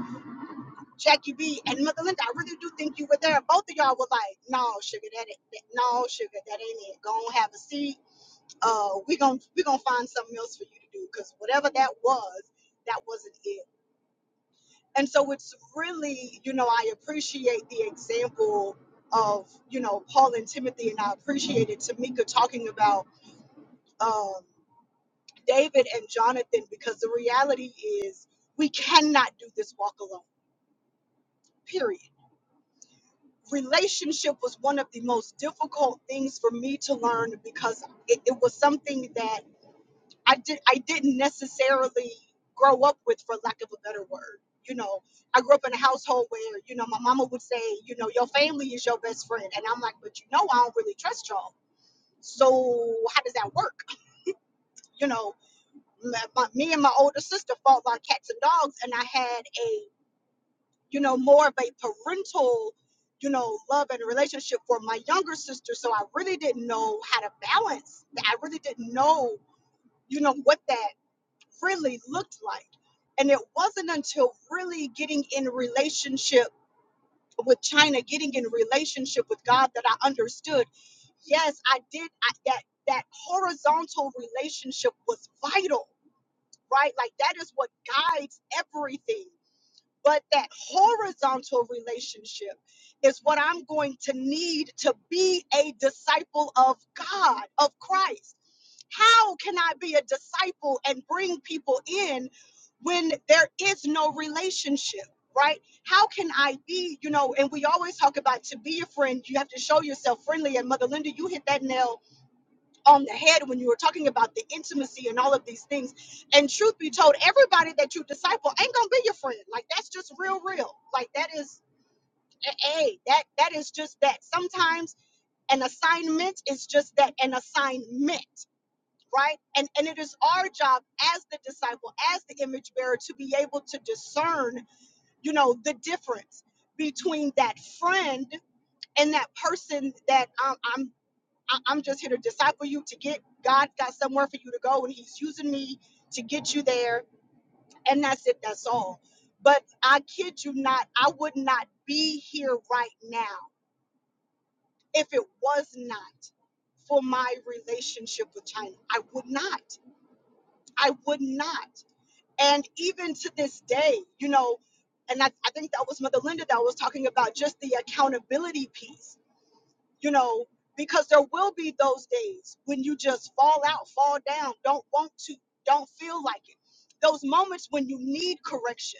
Speaker 8: Jackie B and Mother Linda, I really do think you were there. Both of y'all were like, "No, sugar, that, ain't- that no, sugar, that ain't it. Go and have a seat. Uh, we to we gonna find something else for you to do because whatever that was, that wasn't it. And so it's really, you know, I appreciate the example of you know Paul and Timothy, and I appreciated Tamika talking about um, David and Jonathan because the reality is we cannot do this walk alone. Period relationship was one of the most difficult things for me to learn because it, it was something that I did I didn't necessarily grow up with for lack of a better word. You know, I grew up in a household where, you know, my mama would say, you know, your family is your best friend. And I'm like, but you know, I don't really trust y'all. So how does that work? You know, my, my, me and my older sister fought like cats and dogs, and I had a you know, more of a parental, you know, love and relationship for my younger sister. So I really didn't know how to balance that. I really didn't know, you know, what that really looked like. And it wasn't until really getting in relationship with China, getting in relationship with God that I understood. Yes, I did. I, that that horizontal relationship was vital, right? Like that is what guides everything but that horizontal relationship is what I'm going to need to be a disciple of God, of Christ. How can I be a disciple and bring people in when there is no relationship, right? How can I be, you know, and we always talk about to be a friend, you have to show yourself friendly. And Mother Linda, you hit that nail on the head when you were talking about the intimacy and all of these things. And truth be told, everybody that you disciple ain't gonna be your friend. Like that's just real, real. Like that is hey, that that is just that. Sometimes an assignment is just that, an assignment, right? And and it is our job as the disciple, as the image bearer, to be able to discern, you know, the difference between that friend and that person that um. I'm I- I'm just here to disciple you to get God got somewhere for you to go, and He's using me to get you there, and that's it. That's all. But I kid you not, I would not be here right now if it was not for my relationship with China. I would not. I would not. And even to this day, you know, and I, I think that was Mother Linda that was talking about just the accountability piece you know, because there will be those days when you just fall out, fall down, don't want to, don't feel like it. Those moments when you need correction.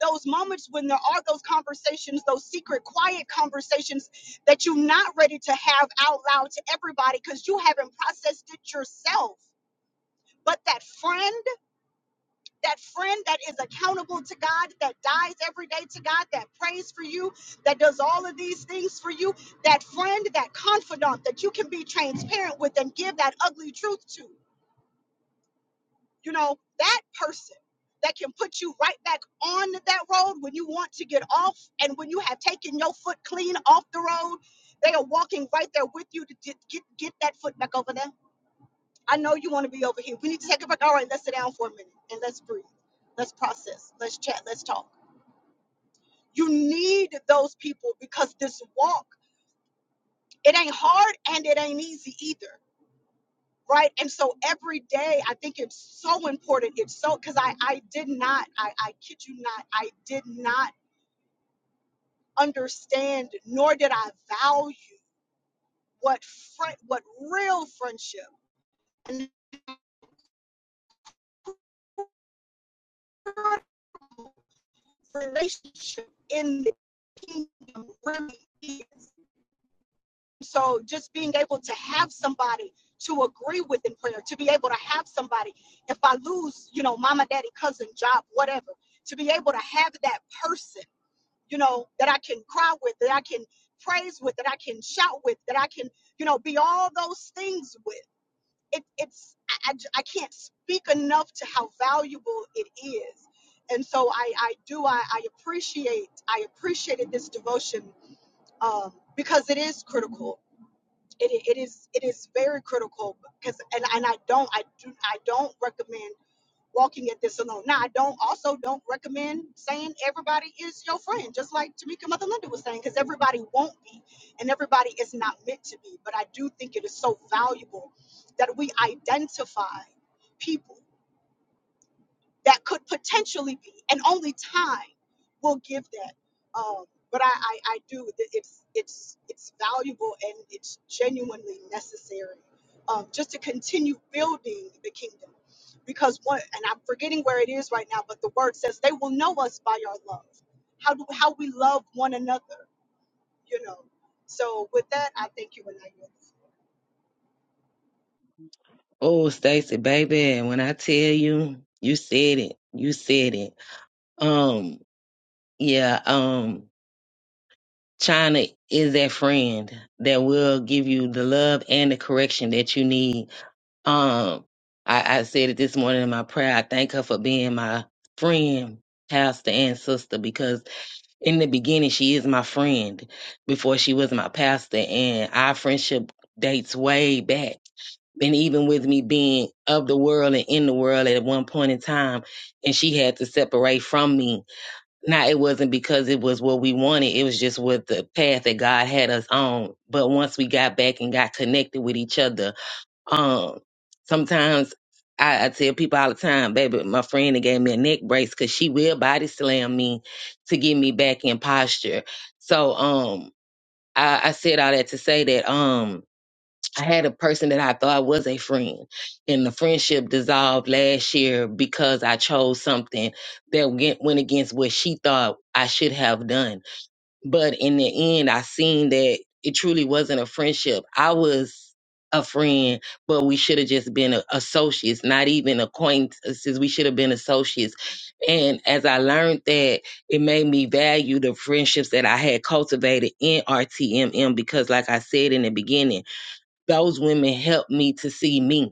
Speaker 8: Those moments when there are those conversations, those secret, quiet conversations that you're not ready to have out loud to everybody because you haven't processed it yourself. But that friend that friend that is accountable to God, that dies every day to God, that prays for you, that does all of these things for you, that friend, that confidant that you can be transparent with and give that ugly truth to. You know, that person that can put you right back on that road when you want to get off and when you have taken your foot clean off the road, they are walking right there with you to get, get, get that foot back over there I know you want to be over here. We need to take a break. All right, let's sit down for a minute and let's breathe. Let's process. Let's chat. Let's talk. You need those people because this walk, it ain't hard and it ain't easy either. Right. And so every day, I think it's so important. It's so because I, I did not, I, I kid you not, I did not understand nor did I value what friend, what real friendship and real relationship in the kingdom really is. So just being able to have somebody to agree with in prayer, to be able to have somebody, if I lose, you know, mama, daddy, cousin, job, whatever, to be able to have that person, you know, that I can cry with, that I can praise with, that I can shout with, that I can, you know, be all those things with. It, it's i I j- I can't speak enough to how valuable it is. And so I, I do I, I appreciate I appreciated this devotion um, because it is critical it, it is it is very critical because and, and I don't I do I don't recommend walking at this alone. Now I don't also don't recommend saying everybody is your friend, just like Tamika Mother Linda was saying, because everybody won't be and everybody is not meant to be. But I do think it is so valuable that we identify people that could potentially be, and only time will give that. Um, but I, I, I do. It's it's it's valuable and it's genuinely necessary um, just to continue building the kingdom. Because one, and I'm forgetting where it is right now, but the word says they will know us by our love. How do how we love one another, you know. So with that, I thank you, and I yield.
Speaker 1: Oh, Stacy, baby, and when I tell you, you said it. You said it. Um, yeah, um, China is that friend that will give you the love and the correction that you need. Um, I, I said it this morning in my prayer. I thank her for being my friend, pastor, and sister because in the beginning she is my friend before she was my pastor, and our friendship dates way back. And even with me being of the world and in the world at one point in time, and she had to separate from me now it wasn't because it was what we wanted. It was just what the path that God had us on. But once we got back and got connected with each other, um, sometimes I, I tell people all the time, baby, my friend that gave me a neck brace because she will body slam me to get me back in posture. So um, I, I said all that to say that um, I had a person that I thought was a friend, and the friendship dissolved last year because I chose something that went went against what she thought I should have done. But in the end, I seen that it truly wasn't a friendship. I was a friend, but we should have just been a- associates, not even acquaintances. We should have been associates. And as I learned that, it made me value the friendships that I had cultivated in RTMM because, like I said in the beginning, those women helped me to see me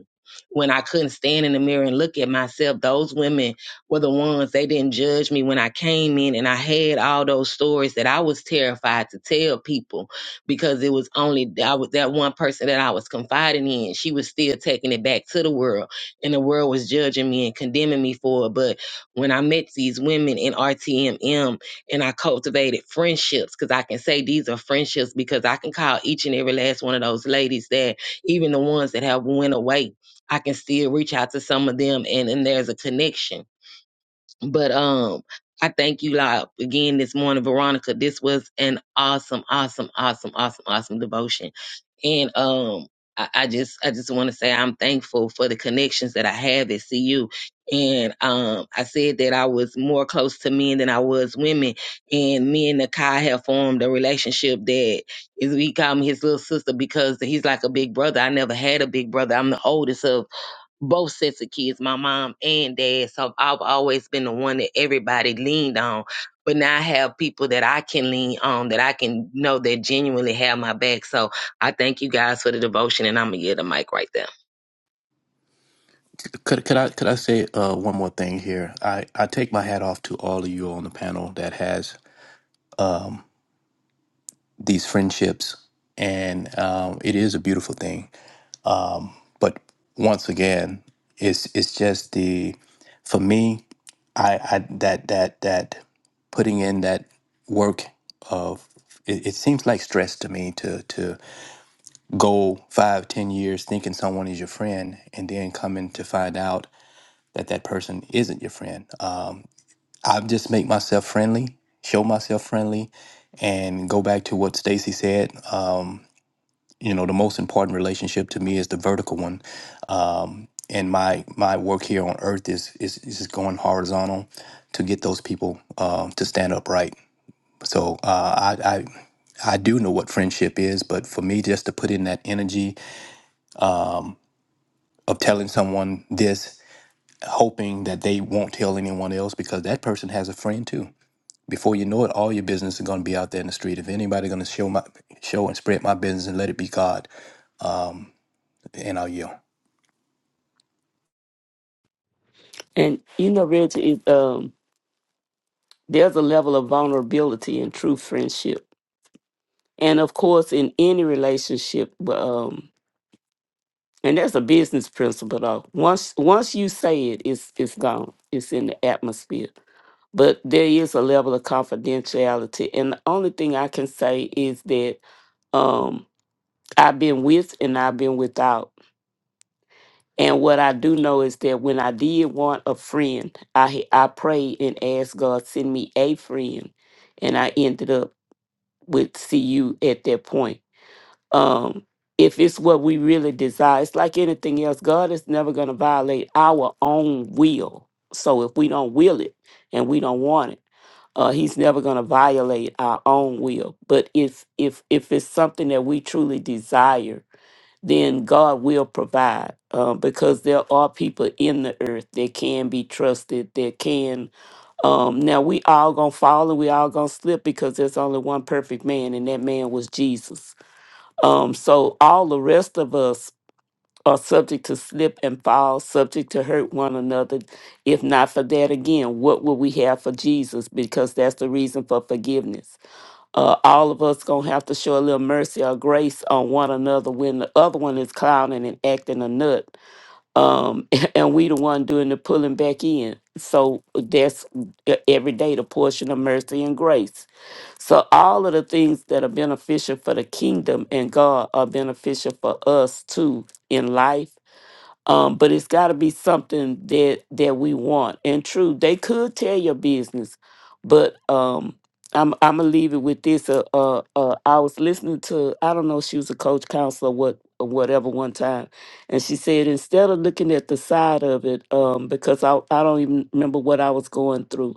Speaker 1: when I couldn't stand in the mirror and look at myself. Those women were the ones they didn't judge me when I came in and I had all those stories that I was terrified to tell people because it was only I was that one person that I was confiding in. She was still taking it back to the world and the world was judging me and condemning me for it. But when I met these women in RTMM and I cultivated friendships because I can say these are friendships because I can call each and every last one of those ladies that even the ones that have went away, I can still reach out to some of them and, and there's a connection. But um I thank you like again this morning, Veronica. This was an awesome, awesome, awesome, awesome, awesome devotion. And um, I, I just I just want to say I'm thankful for the connections that I have at CU. And um, I said that I was more close to men than I was women. And me and Nakai have formed a relationship that is we call me his little sister because he's like a big brother. I never had a big brother. I'm the oldest of both sets of kids, my mom and dad. So I've always been the one that everybody leaned on. But now I have people that I can lean on that I can know that genuinely have my back. So I thank you guys for the devotion and I'm gonna get the mic right there.
Speaker 7: Could could I could I say uh, one more thing here? I I take my hat off to all of you on the panel that has these friendships, and um, it is a beautiful thing. But once again, it's it's just the for me. I, I that that that putting in that work of it, it seems like stress to me to to go five ten years thinking someone is your friend and then coming to find out that that person isn't your friend. Um, I just make myself friendly, show myself friendly, and go back to what Stacy said. Um, you know the most important relationship to me is the vertical one um, and my my work here on earth is is, is just going horizontal to get those people um, to stand upright so uh, I, I I do know what friendship is, but for me, just to put in that energy of telling someone this, hoping that they won't tell anyone else because that person has a friend too. Before you know it, all your business is going to be out there in the street. If anybody going to show my show and spread my business and let it be God, um, and I'll yield.
Speaker 6: And you know, Reggie, it, um, there's a level of vulnerability in true friendship, and of course, in any relationship. Um, And that's a business principle though. Once once you say it, it's it's gone. It's in the atmosphere. But there is a level of confidentiality. And the only thing I can say is that um I've been with and I've been without. And what I do know is that when I did want a friend, I h- I prayed and asked God send me a friend, and I ended up with CU at that point um if it's what we really desire it's like anything else god is never going to violate our own will so if we don't will it and we don't want it uh he's never going to violate our own will but if if if it's something that we truly desire then god will provide uh, because there are people in the earth that can be trusted that can um now we all gonna fall and we all gonna slip because there's only one perfect man and that man was jesus um, so all the rest of us are subject to slip and fall, subject to hurt one another. If not for that, again, what would we have for Jesus? Because that's the reason for forgiveness. Uh, all of us gonna have to show a little mercy or grace on one another when the other one is clowning and acting a nut, um, and we the one doing the pulling back in. So that's e- every day the portion of mercy and grace. So all of the things that are beneficial for the kingdom and God are beneficial for us too in life. Um, but it's got to be something that that we want. And true, they could tell your business, but um, I'm I'm gonna leave it with this. Uh, uh, uh, I was listening to I don't know she was a coach counselor what or whatever one time, and she said instead of looking at the side of it, um, because I I don't even remember what I was going through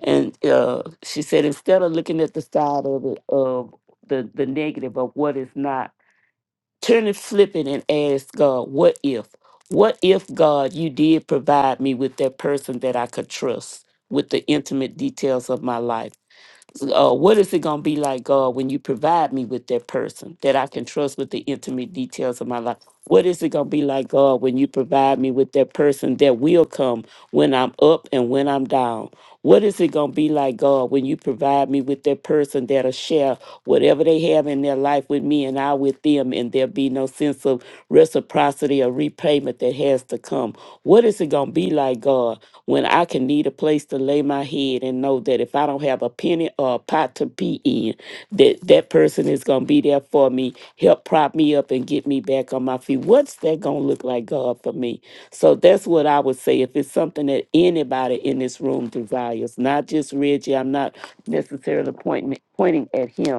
Speaker 6: and uh, she said instead of looking at the side of it of the the negative of what is not, turn and flip it and ask God, what if? What if God, you did provide me with that person that I could trust with the intimate details of my life? uh, what is it going to be like, God, when you provide me with that person that I can trust with the intimate details of my life? What is it going to be like, God, when you provide me with that person that will come when I'm up and when I'm down? What is it going to be like, God, when you provide me with that person that'll share whatever they have in their life with me and I with them, and there'll be no sense of reciprocity or repayment that has to come? What is it going to be like, God, when I can need a place to lay my head and know? know that if I don't have a penny or a pot to pee in, that that person is going to be there for me, help prop me up and get me back on my feet. What's that going to look like, God, for me? So that's what I would say. If it's something that anybody in this room desires, not just Reggie, I'm not necessarily pointing, pointing at him,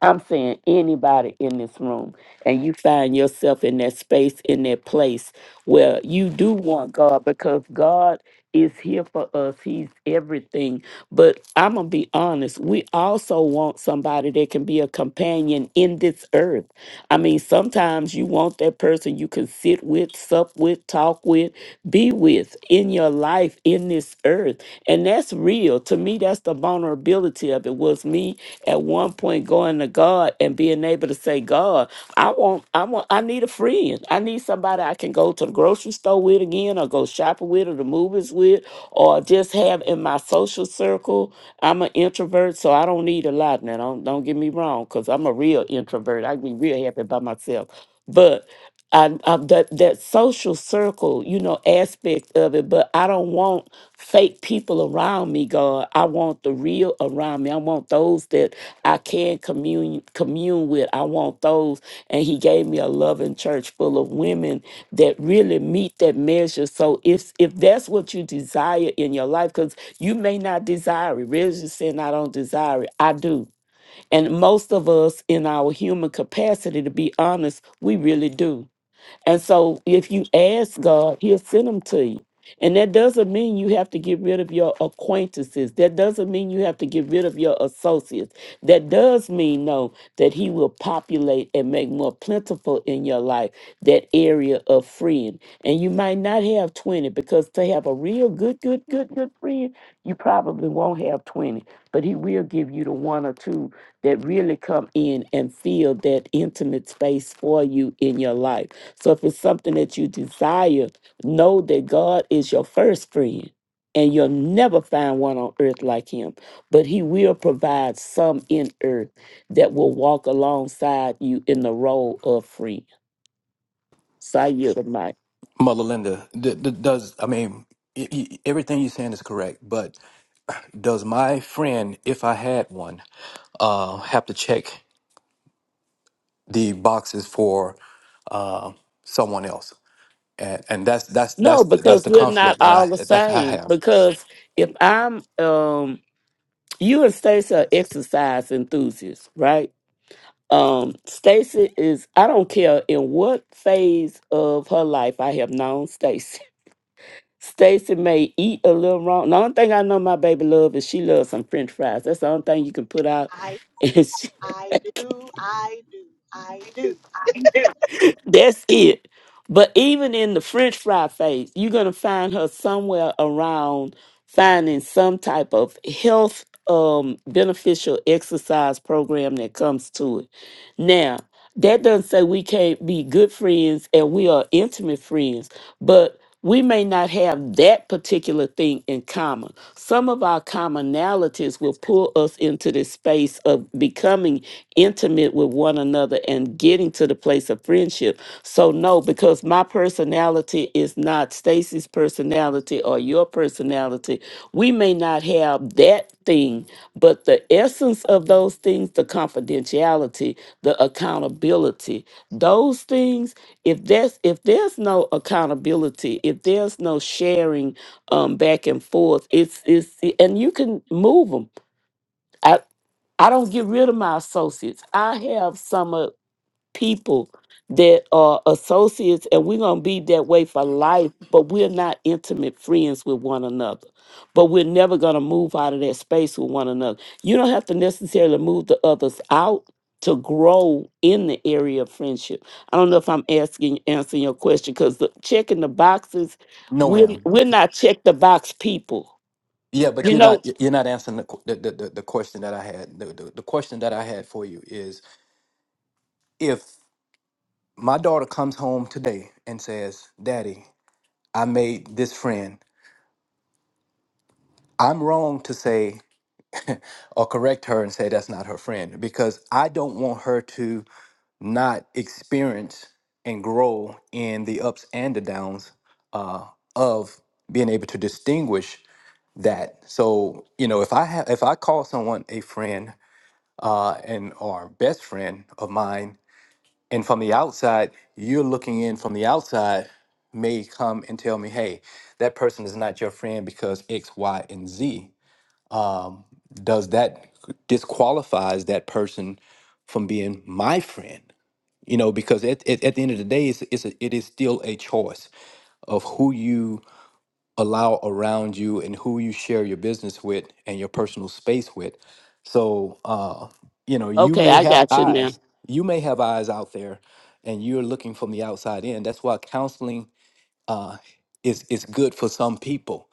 Speaker 6: I'm saying anybody in this room, and you find yourself in that space, in that place where you do want God because God is here for us. He's everything. But I'm going to be honest, we also want somebody that can be a companion in this earth. I mean, sometimes you want that person you can sit with, sup with, talk with, be with in your life in this earth. And that's real. To me, that's the vulnerability of it. Was me at one point going to God and being able to say, God, I want, I want, I need a friend. I need somebody I can go to the grocery store with again, or go shopping with, or the movies with, or just have in my social circle. I'm an introvert, so I don't need a lot. Now, don't don't get me wrong, because I'm I'm a real introvert. I can be real happy by myself. But I, I that that social circle, you know, aspect of it. But I don't want fake people around me, God. I want the real around me. I want those that I can commune commune with. I want those. And He gave me a loving church full of women that really meet that measure. So if if that's what you desire in your life, because you may not desire it. Reggie saying I don't desire it. I do. And most of us, in our human capacity, to be honest, we really do. And so if you ask God, he'll send them to you. And that doesn't mean you have to get rid of your acquaintances. That doesn't mean you have to get rid of your associates. That does mean, though, that he will populate and make more plentiful in your life that area of friend. And you might not have 20 because to have a real good, good, good, good friend, you probably won't have 20. But he will give you the one or two that really come in and fill that intimate space for you in your life. So if it's something that you desire, know that God is your first friend. And you'll never find one on earth like him. But he will provide some in earth that will walk alongside you in the role of friend. So I yield the mic.
Speaker 7: Mother Linda, d- d- does I mean y- y- everything you're saying is correct, but does my friend, if I had one, uh, have to check the boxes for uh, someone else? And, and that's that's
Speaker 6: No,
Speaker 7: that's the, that's
Speaker 6: because
Speaker 7: the
Speaker 6: we're not
Speaker 7: conflict that
Speaker 6: all
Speaker 7: I
Speaker 6: the
Speaker 7: that's I
Speaker 6: same.
Speaker 7: have.
Speaker 6: Because if I'm um you and Stacy are exercise enthusiasts, right? Um, Stacy is I don't care in what phase of her life I have known Stacy Stacy may eat a little wrong. The only thing I know my baby love is she loves some French fries. That's the only thing you can put out,
Speaker 8: I do,
Speaker 6: and she,
Speaker 8: I do, I do, I do.
Speaker 6: that's it. But even in the French fry phase, you're gonna find her somewhere around finding some type of health um beneficial exercise program that comes to it. Now. that doesn't say we can't be good friends and we are intimate friends, but we may not have that particular thing in common. Some of our commonalities will pull us into this space of becoming intimate with one another and getting to the place of friendship. So, no, because my personality is not Stacy's personality or your personality, we may not have that thing, but the essence of those things, the confidentiality, the accountability those things if there's if there's no accountability if there's no sharing um back and forth it's it's and you can move them i i don't get rid of my associates i have some of people that are associates and we're going to be that way for life but we're not intimate friends with one another but we're never going to move out of that space with one another you don't have to necessarily move the others out to grow in the area of friendship i don't know if i'm asking answering your question because the checking the boxes
Speaker 7: No,
Speaker 6: we're,
Speaker 7: ma'am.
Speaker 6: we're not check the box people
Speaker 7: Yeah, but
Speaker 6: you
Speaker 7: you're
Speaker 6: know
Speaker 7: not you're not answering the qu- the, the, the the question that I had. The, the the question that I had for you is if my daughter comes home today and says, "Daddy, I made this friend." I'm wrong to say. or correct her and say that's not her friend because I don't want her to not experience and grow in the ups and the downs uh, of being able to distinguish that. So you know, if I have if I call someone a friend uh, and or best friend of mine, and from the outside you're looking in from the outside may come and tell me, hey, that person is not your friend because X, Y, and Z um, does that disqualifies that person from being my friend you know because at, at, at the end of the day it's, it's a, it is still a choice of who you allow around you and who you share your business with and your personal space with so uh you know you
Speaker 6: okay
Speaker 7: may
Speaker 6: i
Speaker 7: have
Speaker 6: got you now
Speaker 7: eyes you may have eyes out there and you're looking from the outside in that's why counseling uh is is good for some people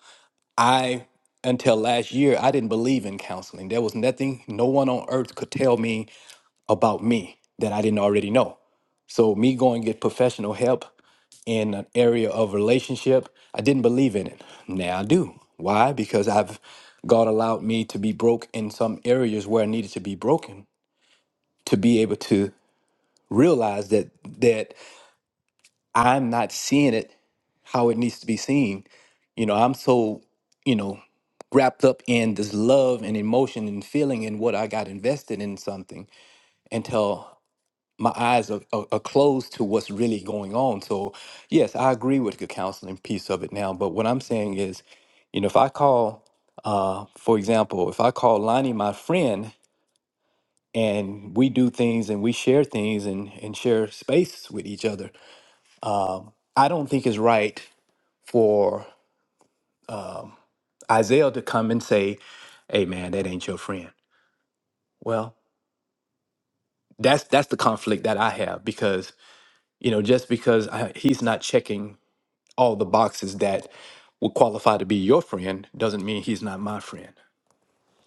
Speaker 7: I, until last year, I didn't believe in counseling. There was nothing, no one on earth could tell me about me that I didn't already know. So, me going get professional help in an area of relationship, I didn't believe in it. Now I do. Why? Because I've God allowed me to be broke in some areas where I needed to be broken to be able to realize that that I'm not seeing it how it needs to be seen. You know, I'm so, you know, wrapped up in this love and emotion and feeling and what I got invested in something until my eyes are, are, are closed to what's really going on. So, yes, I agree with the counseling piece of it now. But what I'm saying is, you know, if I call, uh, for example, if I call Lonnie my friend and we do things and we share things and, and share space with each other, I don't think it's right for Isaiah to come and say, "Hey, man, that ain't your friend." Well, that's that's the conflict that I have because you know just because I, he's not checking all the boxes that would qualify to be your friend doesn't mean he's not my friend,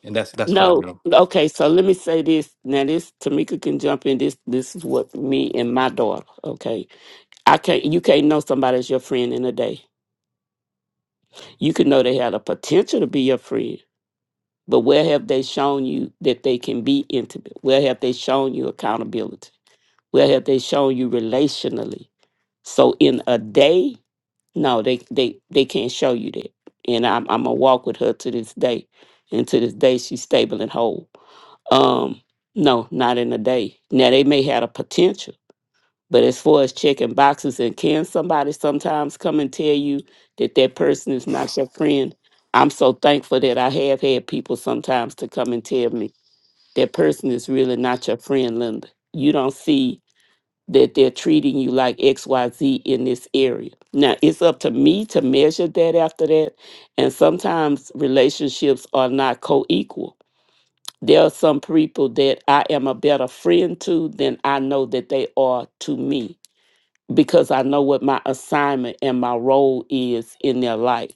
Speaker 7: and that's that's what I
Speaker 6: No,
Speaker 7: mean.
Speaker 6: okay, so let me say this. Now this Tamika can jump in. This this is what me and my daughter, okay. I can't you can't know somebody's your friend in a day. You can know they had a potential to be your friend, but where have they shown you that they can be intimate? Where have they shown you accountability? Where have they shown you relationally? So in a day, no, they they they can't show you that. And I'm I'm gonna walk with her to this day. And to this day she's stable and whole Um, no, not in a day. Now they may have a potential, but as far as checking boxes and can somebody sometimes come and tell you that that person is not your friend? I'm so thankful that I have had people sometimes to come and tell me that person is really not your friend, Linda. You don't see that they're treating you like XYZ in this area. Now, it's up to me to measure that after that. And sometimes relationships are not co equal there are some people that I am a better friend to than I know that they are to me because I know what my assignment and my role is in their life.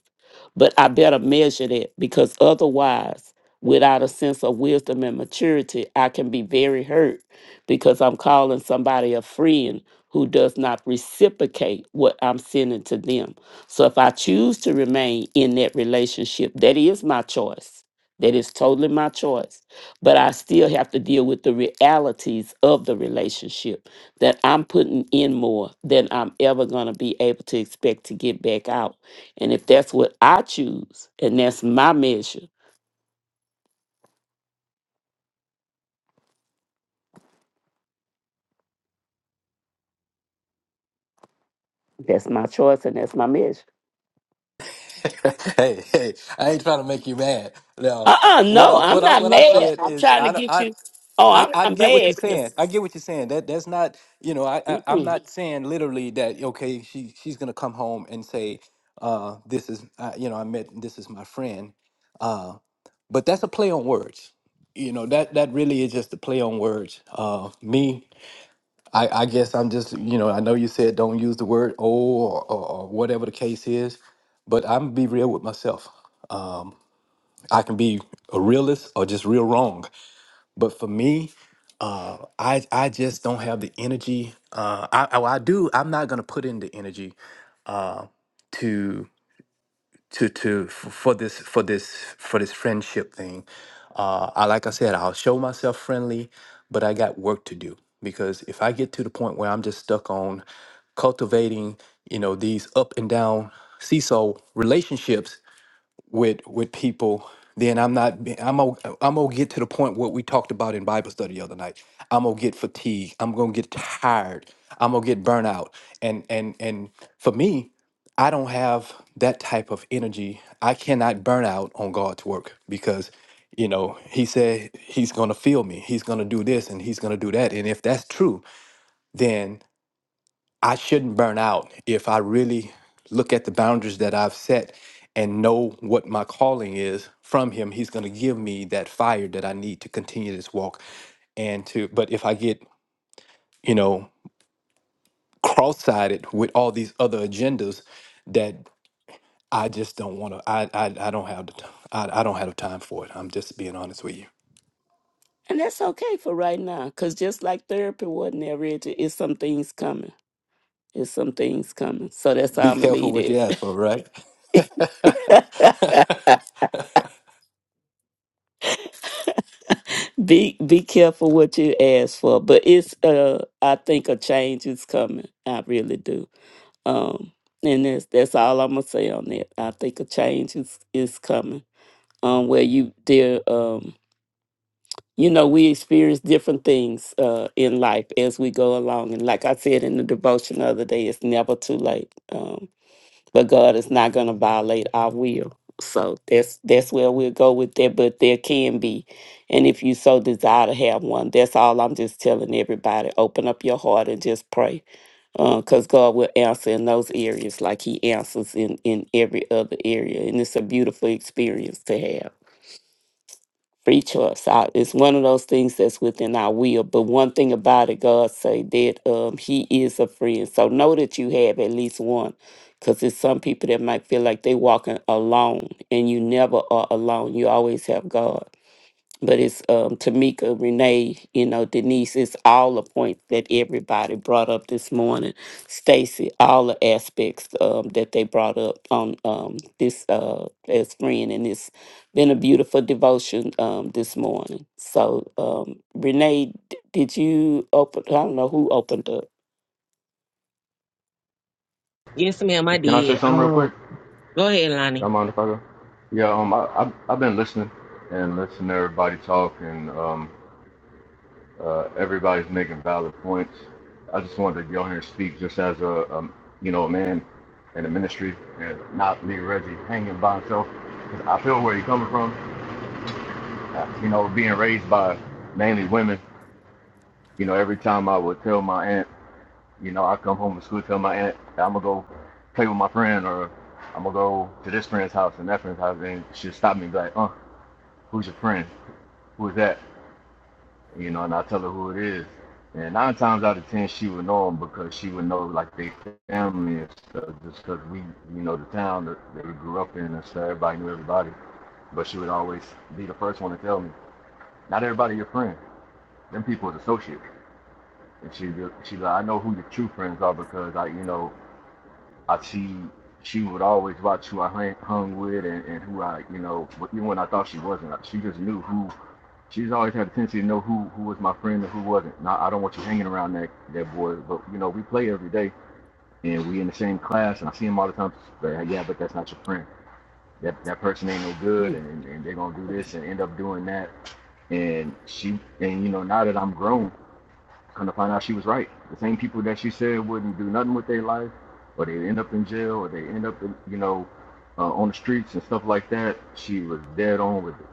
Speaker 6: But I better measure that because otherwise, without a sense of wisdom and maturity, I can be very hurt because I'm calling somebody a friend who does not reciprocate what I'm sending to them. So if I choose to remain in that relationship, that is my choice. That is totally my choice. But I still have to deal with the realities of the relationship that I'm putting in more than I'm ever going to be able to expect to get back out. And if that's what I choose and that's my measure, that's my choice and that's my measure.
Speaker 7: hey, hey, I ain't trying to make you mad. No,
Speaker 6: Uh uh
Speaker 7: what
Speaker 6: no,
Speaker 7: I'm
Speaker 6: I'm
Speaker 7: what I'm
Speaker 6: not
Speaker 7: what I'm
Speaker 6: mad.
Speaker 7: saying
Speaker 6: I'm
Speaker 7: is
Speaker 6: trying to
Speaker 7: I don't
Speaker 6: get
Speaker 7: I.
Speaker 6: you. Oh,
Speaker 7: I,
Speaker 6: I'm
Speaker 7: I
Speaker 6: not
Speaker 7: get what
Speaker 6: mad.
Speaker 7: you're saying.
Speaker 6: 'cause-
Speaker 7: I get what you're saying. That that's not you know I, I I'm
Speaker 6: mm-mm.
Speaker 7: not saying literally that okay she she's gonna come home and say uh this is uh, you know I met this is my friend, uh but that's a play on words. You know that that really is just a play on words. Uh me I, I guess I'm just, you know, I know you said don't use the word oh or, or, or whatever the case is, but I'm be real with myself. I can be a realist or just real wrong. But for me, uh, I I just don't have the energy. Uh, I, I well, I do. I'm not gonna put in the energy uh, to to to f- for this for this for this friendship thing. Uh, I like I said, I'll show myself friendly, but I got work to do because if I get to the point where I'm just stuck on cultivating, you know, these up and down seesaw relationships, with with people then i'm not be- i'm gonna i'm gonna get to the point what we talked about in bible study the other night i'm gonna get fatigued i'm gonna get tired i'm gonna get burnt out and and and for me i don't have that type of energy i cannot burn out on god's work because you know he said he's gonna feel me he's gonna do this and he's gonna do that and if that's true then. I shouldn't burn out if I really look at the boundaries that I've set and know what my calling is from him he's going to give me that fire that I need to continue this walk and to but if I get you know cross-sided with all these other agendas that I just don't want to I, I I don't have the t- I, I don't have the time for it I'm just being honest with you
Speaker 6: And that's okay for right now because just like therapy wasn't there, Reggie, it's some things coming. It's some things coming. So that's how
Speaker 7: be
Speaker 6: I'm going to
Speaker 7: careful what
Speaker 6: lead
Speaker 7: you ask for right
Speaker 6: it. Be be careful what you ask for, but it's uh I think a change is coming. I really do. Um and that's that's all I'm gonna say on that. I think a change is is coming. Um where you there um you know, we experience different things uh in life as we go along. And like I said in the devotion the other day, it's never too late. Um but God is not going to violate our will. So that's that's where we'll go with that. But there can be, and if you so desire to have one, that's all I'm just telling everybody. Open up your heart and just pray, because God will answer in those areas like He answers in in every other area, and it's a beautiful experience to have free choice. I, it's one of those things that's within our will. But one thing about it, God say that um, He is a friend. So know that you have at least one, because there's some people that might feel like they walking alone, and you never are alone. You always have God but it's um, Tamika, Renee, you know, Denise. It's all the points that everybody brought up this morning. Stacy, all the aspects um, that they brought up on um, this uh, as friend, and it's been a beautiful devotion um, this morning. So, um, Renee, d- did you open? I don't know who opened up.
Speaker 1: Yes, ma'am, I
Speaker 9: Can I say
Speaker 1: did.
Speaker 9: something real
Speaker 1: Um
Speaker 9: quick?
Speaker 1: go ahead,
Speaker 9: Y'all
Speaker 1: Lonnie.
Speaker 9: mind if I go? Yeah, um, I, I I've been listening and listening to everybody talk, and um, uh, everybody's making valid points. I just wanted to go here and speak just as a, um, you know, a man in the ministry, and not leave Reggie hanging by himself. 'Cause I feel where you're coming from. Uh, You know, being raised by mainly women. You know, every time I would tell my aunt. You know, I come home from school, tell my aunt I'm gonna go play with my friend, or I'm gonna go to this friend's house and that friend's house, and she'll stop me and be like, "Uh, who's your friend? Who's that?" You know, and I tell her who it is. And nine times out of ten, she would know them because she would know like their family and stuff, just 'cause we, you know, the town that, that we grew up in and stuff. Everybody knew everybody, but she would always be the first one to tell me, "Not everybody your friend. Them people is associates." And she, she, like, I know who your true friends are because I, you know, I she she would always watch who I hung, with and, and who I you know even when I thought she wasn't like, she just knew who she's always had a tendency to know who who was my friend and who wasn't. Now I don't want you hanging around that that boy, but you know we play every day and we in the same class and I see him all the time. But hey, yeah, but that's not your friend. That that person ain't no good
Speaker 6: Mm.
Speaker 9: and and, and they're gonna do this and end up doing that. And she and you know now that I'm grown Come to find out she was right. The same people that she said wouldn't do nothing with their life, or they end up in jail, or they end up, in, you know, uh, on the streets and stuff like that. She was dead on with it.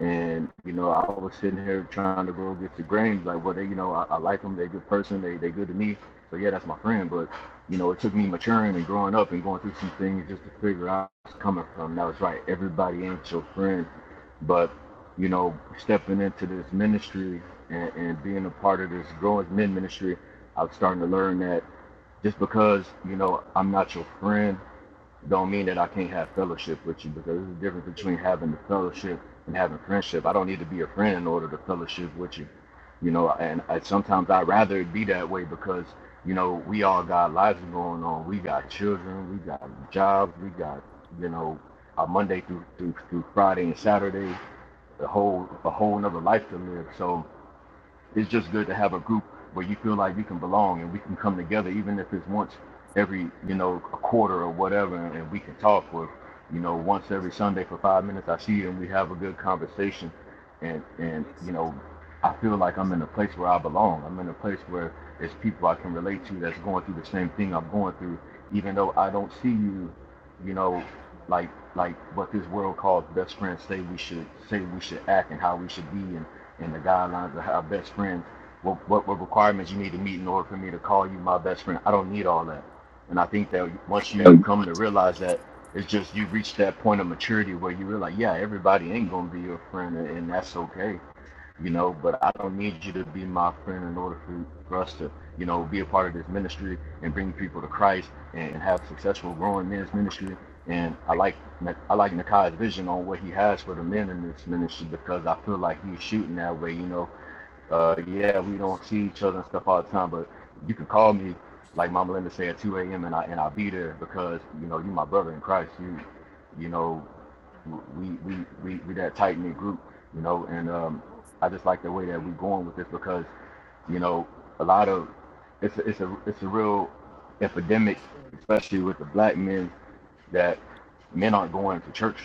Speaker 9: And you know, I was sitting here trying to go get the grains. Like, well, they, you know, I, I like them. They a good person. They they good to me. So yeah, that's my friend. But you know, it took me maturing and growing up and going through some things just to figure out where it's coming from. That was right. Everybody ain't your friend. But you know, stepping into this ministry and, and being a part of this growing men ministry, I was starting to learn that just because you know I'm not your friend don't mean that I can't have fellowship with you because there's a difference between having the fellowship and having friendship. I don't need to be a friend in order to fellowship with you, you know. And I, sometimes I'd rather it be that way because you know we all got lives going on. We got children, we got jobs, we got you know a Monday through through, through Friday and Saturday, a whole a whole another life to live. So it's just good to have a group where you feel like you can belong and we can come together even if it's once every you know a quarter or whatever and, we can talk for, you know once every sunday for five minutes i see you and we have a good conversation and and you know i feel like i'm in a place where i belong i'm in a place where there's people i can relate to that's going through the same thing i'm going through even though i don't see you you know like like what this world calls best friends say we should say we should act and how we should be and and the guidelines of how best friends, what, what, what requirements you need to meet in order for me to call you my best friend. I don't need all that. And I think that once you come to realize that, it's just you reach that point of maturity where you realize, yeah, everybody ain't gonna be your friend, and, and that's okay you know, but I don't need you to be my friend in order for, for us to, you know, be a part of this ministry and bring people to Christ and have successful growing men's ministry. And I like I like Nakai's vision on what he has for the men in this ministry because I feel like he's shooting that way, you know. Uh, yeah, we don't see each other and stuff all the time, but you can call me, like Mama Linda said, at 2 a.m. and I and I'll be there because you know you my brother in Christ. You, you know, we we we we that tight knit group, you know. And um, I just like the way that we're going with this because you know a lot of it's a, it's a it's a real epidemic, especially with the black men that men aren't going to church,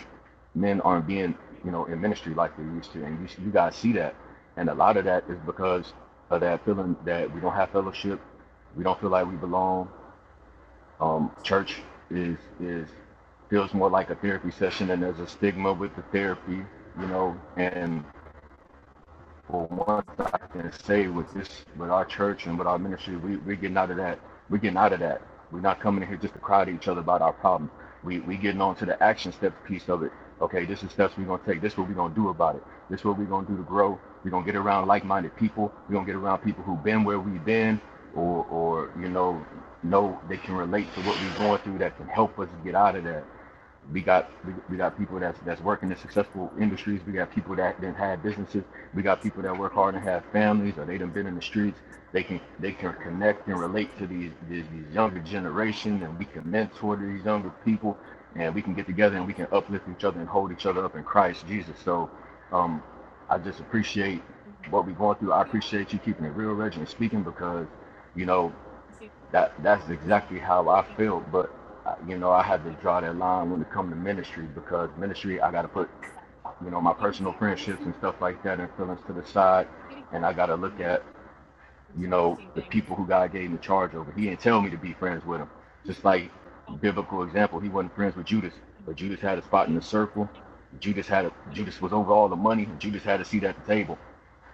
Speaker 9: men aren't being, you know, in ministry like they used to, and you, you guys see that, and a lot of that is because of that feeling that we don't have fellowship, we don't feel like we belong. Um, church is is feels more like a therapy session, and there's a stigma with the therapy, you know, and for once I can say with this, with our church and with our ministry, we we getting out of that. We're getting out of that. We're not coming in here just to cry to each other about our problems. We we getting on to the action step piece of it. Okay, this is steps we're gonna take. This is what we're gonna do about it. This is what we're gonna do to grow. We're gonna get around like-minded people. We're gonna get around people who've been where we've been, or or you know, know they can relate to what we're going through that can help us get out of that we got we, we got people that's that's working in successful industries. We got people that then had businesses. We got people that work hard and have families, or they done been in the streets. They can they can connect and relate to these these, these younger generation, and we can mentor these younger people, and we can get together and we can uplift each other and hold each other up in Christ Jesus. So, um, I just appreciate what we're going through. I appreciate you keeping it real, Reggie, and speaking because, you know, that that's exactly how I feel. But uh, you know, I had to draw that line when it comes to ministry because ministry, I got to put you know my personal friendships and stuff like that and feelings to the side, and I got to look at you know the people who God gave me charge over. He didn't tell me to be friends with him. Just like biblical example, he wasn't friends with Judas, but Judas had a spot in the circle. Judas had a, Judas was over all the money. Judas had a seat at the table.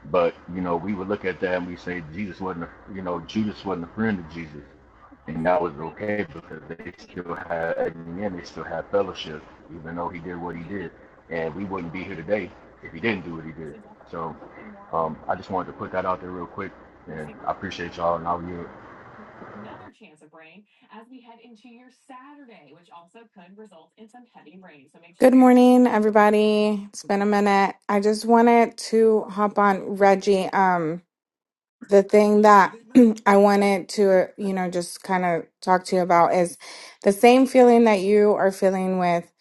Speaker 9: But you know, we would look at that and we say Jesus wasn't, a, you know, Judas wasn't a friend of Jesus, and that was okay because they still had, and then they still had fellowship, even though he did what he did, and we wouldn't be here today if he didn't do what he did. So, um, I just wanted to put that out there real quick, and I appreciate y'all. And I'll be,
Speaker 10: Good morning, everybody. It's been a minute. I just wanted to hop on Reggie. Um, the thing that I wanted to, you know, just kind of talk to you about is the same feeling that you are feeling with,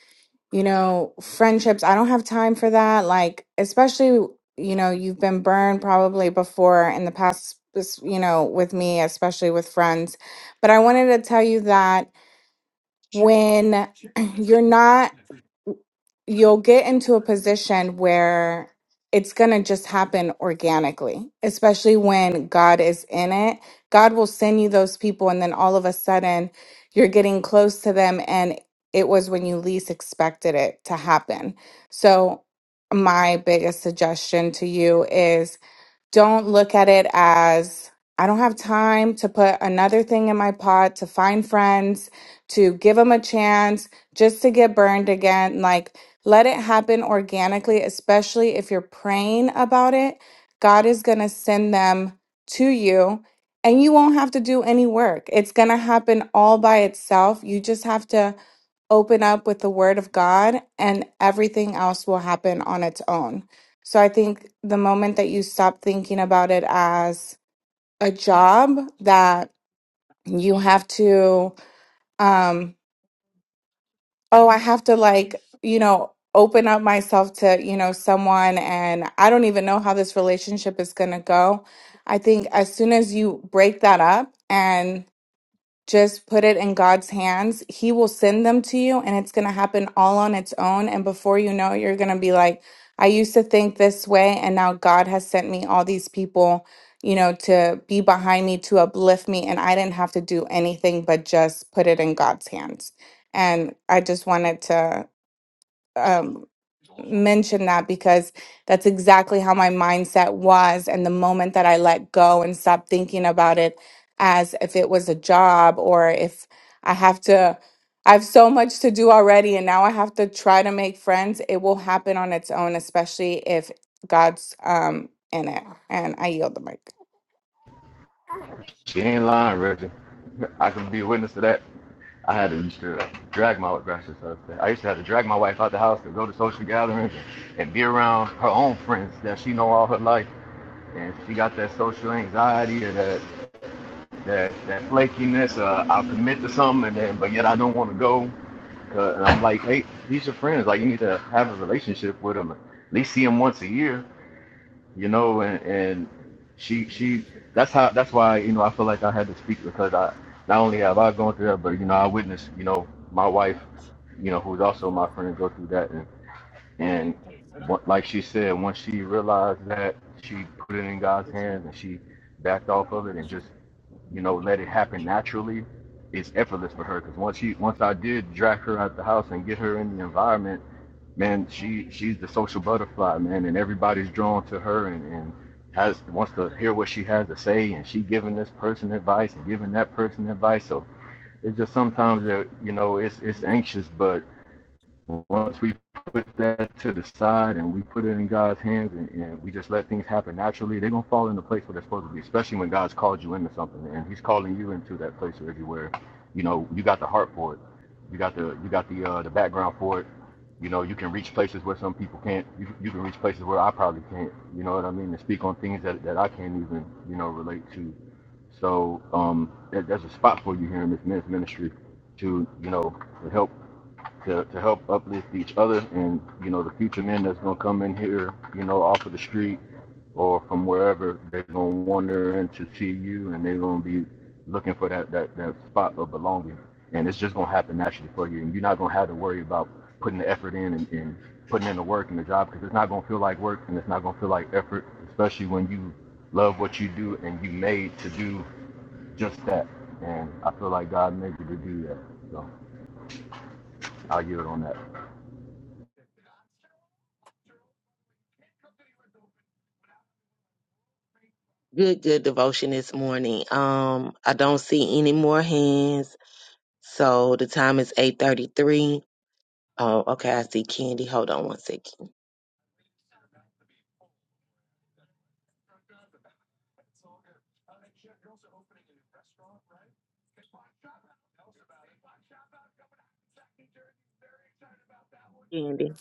Speaker 10: you know, friendships. I don't have time for that. Like, especially, you know, you've been burned probably before in the past, this- you know, with me, especially with friends. But I wanted to tell you that when you're not you'll get into a position where it's going to just happen organically, especially when God is in it. God will send you those people, and then all of a sudden, you're getting close to them, and it was when you least expected it to happen. So, my biggest suggestion to you is don't look at it as I don't have time to put another thing in my pot to find friends, to give them a chance, just to get burned again. Like, let it happen organically, especially if you're praying about it. God is going to send them to you and you won't have to do any work. It's going to happen all by itself. You just have to open up with the word of God and everything else will happen on its own. So I think the moment that you stop thinking about it as a job that you have to, um, oh, I have to like, you know, open up myself to, you know, someone and I don't even know how this relationship is going to go. I think as soon as you break that up and. Just put it in God's hands. He will send them to you and it's going to happen all on its own. And before you know it, you're going to be like, I used to think this way. And now God has sent me all these people, you know, to be behind me, to uplift me. And I didn't have to do anything but just put it in God's hands. And I just wanted to um, mention that because that's exactly how my mindset was. And the moment that I let go and stop thinking about it as if it was a job or if I have to, I have so much to do already and now I have to try to make friends, it will happen on its own, especially if God's um, in it. And I yield the mic.
Speaker 9: she ain't lying, Reggie. I can be a witness to that. I had to used to drag my gracious husband. I used to have to drag my wife out the house to go to social gatherings and and be around her own friends that she know all her life. And she got that social anxiety or that that that flakiness. Uh, I'll commit to something, and then but yet I don't want to go. Uh, and I'm like, hey, these are friends. Like you need to have a relationship with them. At least see them once a year you know, and, and she she that's how that's why you know I feel like I had to speak because I not only have I gone through that, but you know I witnessed you know my wife, you know who's also my friend go through that, and and what, like she said, once she realized that she put it in God's hands and she backed off of it and just you know let it happen naturally, it's effortless for her because once she once I did drag her out the house and get her in the environment man, she she's the social butterfly, man, and everybody's drawn to her and, and has wants to hear what she has to say, and she giving this person advice and giving that person advice. So it's just sometimes that you know it's it's anxious, but. Once we put that to the side and we put it in God's hands and, and we just let things happen naturally, they're gonna fall into place where they're supposed to be, especially when God's called you into something and He's calling you into that place where everywhere, you know, you got the heart for it. You got the you got the uh, the background for it. You know, you can reach places where some people can't. You, you can reach places where I probably can't. You know what I mean? To speak on things that, that I can't even, you know, relate to. So um, there, there's a spot for you here in this men's ministry to, you know, to help to, to help uplift each other and you know the future men that's gonna come in here you know off of the street or from wherever they're gonna wander in to see you and they're gonna be looking for that that, that spot of belonging and it's just gonna happen naturally for you and you're not gonna have to worry about putting the effort in and, and putting in the work and the job because it's not gonna feel like work and it's not gonna feel like effort especially when you love what you do and you made to do just that and I feel like God made you to do that so I'll yield on that.
Speaker 1: Good, good devotion this morning. Um I don't see any more hands. So the time is 8:33. Oh, okay. I see Candy. Hold on one second. Candy.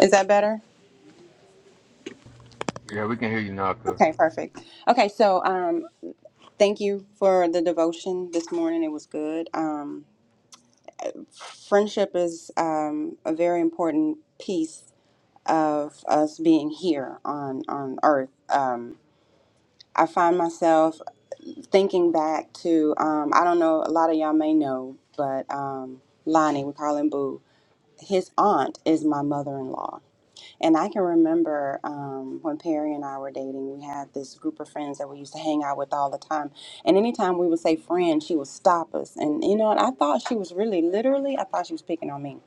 Speaker 11: Is that better?
Speaker 9: Yeah, we can hear you now, cuz.
Speaker 11: Okay, perfect. Okay, so um, thank you for the devotion this morning. It was good. Um, friendship is um, a very important piece of us being here on on Earth. Um, I find myself. thinking back to, um, I don't know, a lot of y'all may know, but um, Lonnie, we call him Boo, his aunt is my mother in law. And I can remember um, when Perry and I were dating, we had this group of friends that we used to hang out with all the time. And anytime we would say friend, she would stop us. And you know, and I thought she was really, literally, I thought she was picking on me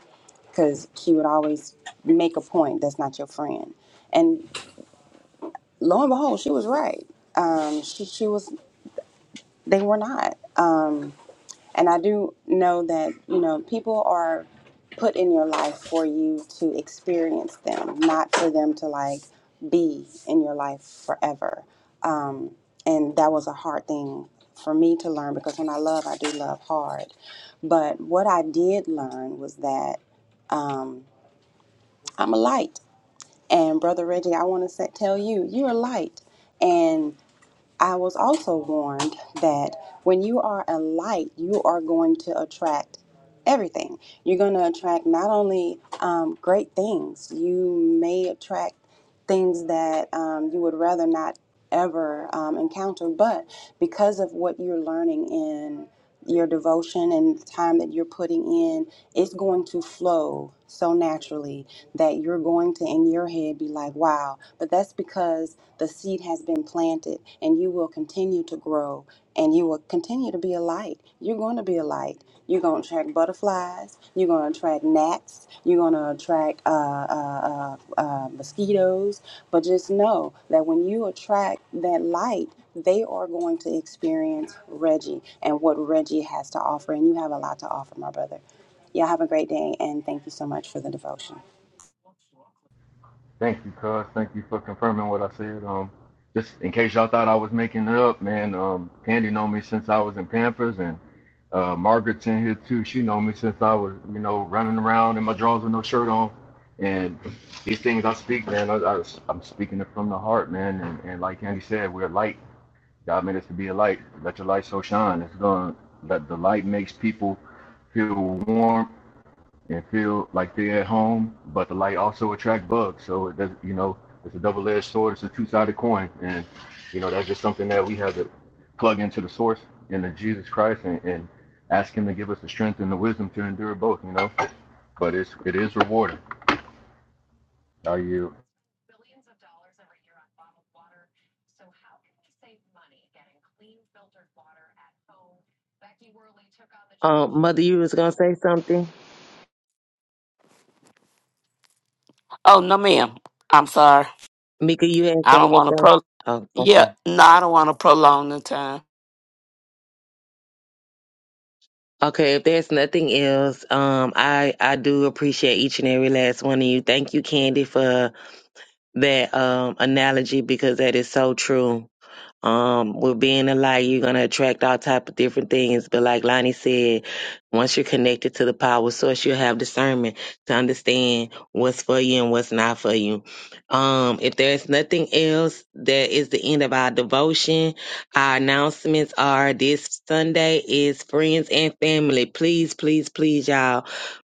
Speaker 11: because she would always make a point that's not your friend. And lo and behold, she was right. Um, she, she was they were not. Um, and I do know that, you know, people are put in your life for you to experience them, not for them to like be in your life forever. Um, and that was a hard thing for me to learn because when I love, I do love hard. But what I did learn was that um, I'm a light. And Brother Reggie, I want to say, tell you, you're a light. and. I was also warned that when you are a light, you are going to attract everything. You're going to attract not only um, great things, you may attract things that um, you would rather not ever um, encounter, but because of what you're learning in your devotion and the time that you're putting in, it's going to flow so naturally that you're going to, in your head, be like, wow. But that's because the seed has been planted and you will continue to grow and you will continue to be a light. You're going to be a light. You're going to attract butterflies. You're going to attract gnats. You're going to attract uh, uh, uh, uh, mosquitoes. But just know that when you attract that light, they are going to experience Reggie and what Reggie has to offer. And you have a lot to offer, my brother. Y'all have a great day, and thank you so much for the devotion.
Speaker 9: Thank you, cuz. Thank you for confirming what I said. Um, just in case y'all thought I was making it up, man. Um, Candy know me since I was in Pampers, and uh, Margaret's in here too. She know me since I was, you know, running around in my drawers with no shirt on. And these things I speak, man, I, I, I'm speaking it from the heart, man. And, and like Candy said, we're a light. God made us to be a light. Let your light so shine. It's gonna let the light makes people feel warm and feel like they're at home, but the light also attracts bugs. So it does, you know, it's a double-edged sword. It's a two-sided coin, and you know that's just something that we have to plug into the source into Jesus Christ and, and ask Him to give us the strength and the wisdom to endure both. You know, but it's it is rewarding. How are you
Speaker 1: Um, Mother, you was gonna say something.
Speaker 6: Oh no, ma'am. I'm sorry.
Speaker 1: Mika, you had
Speaker 6: I don't
Speaker 1: something to
Speaker 6: want to
Speaker 1: say.
Speaker 6: pro.
Speaker 1: Oh,
Speaker 6: Yeah,
Speaker 1: okay.
Speaker 6: no, I don't want to prolong the time.
Speaker 1: Okay, if there's nothing else, um, I I do appreciate each and every last one of you. Thank you, Candy, for that um analogy because that is so true. Um, with being alike, you're gonna attract all type of different things. But like Lonnie said, once you're connected to the power source, you have discernment to understand what's for you and what's not for you. Um, if there's nothing else, that is the end of our devotion. Our announcements are this Sunday is friends and family. Please, please, please, y'all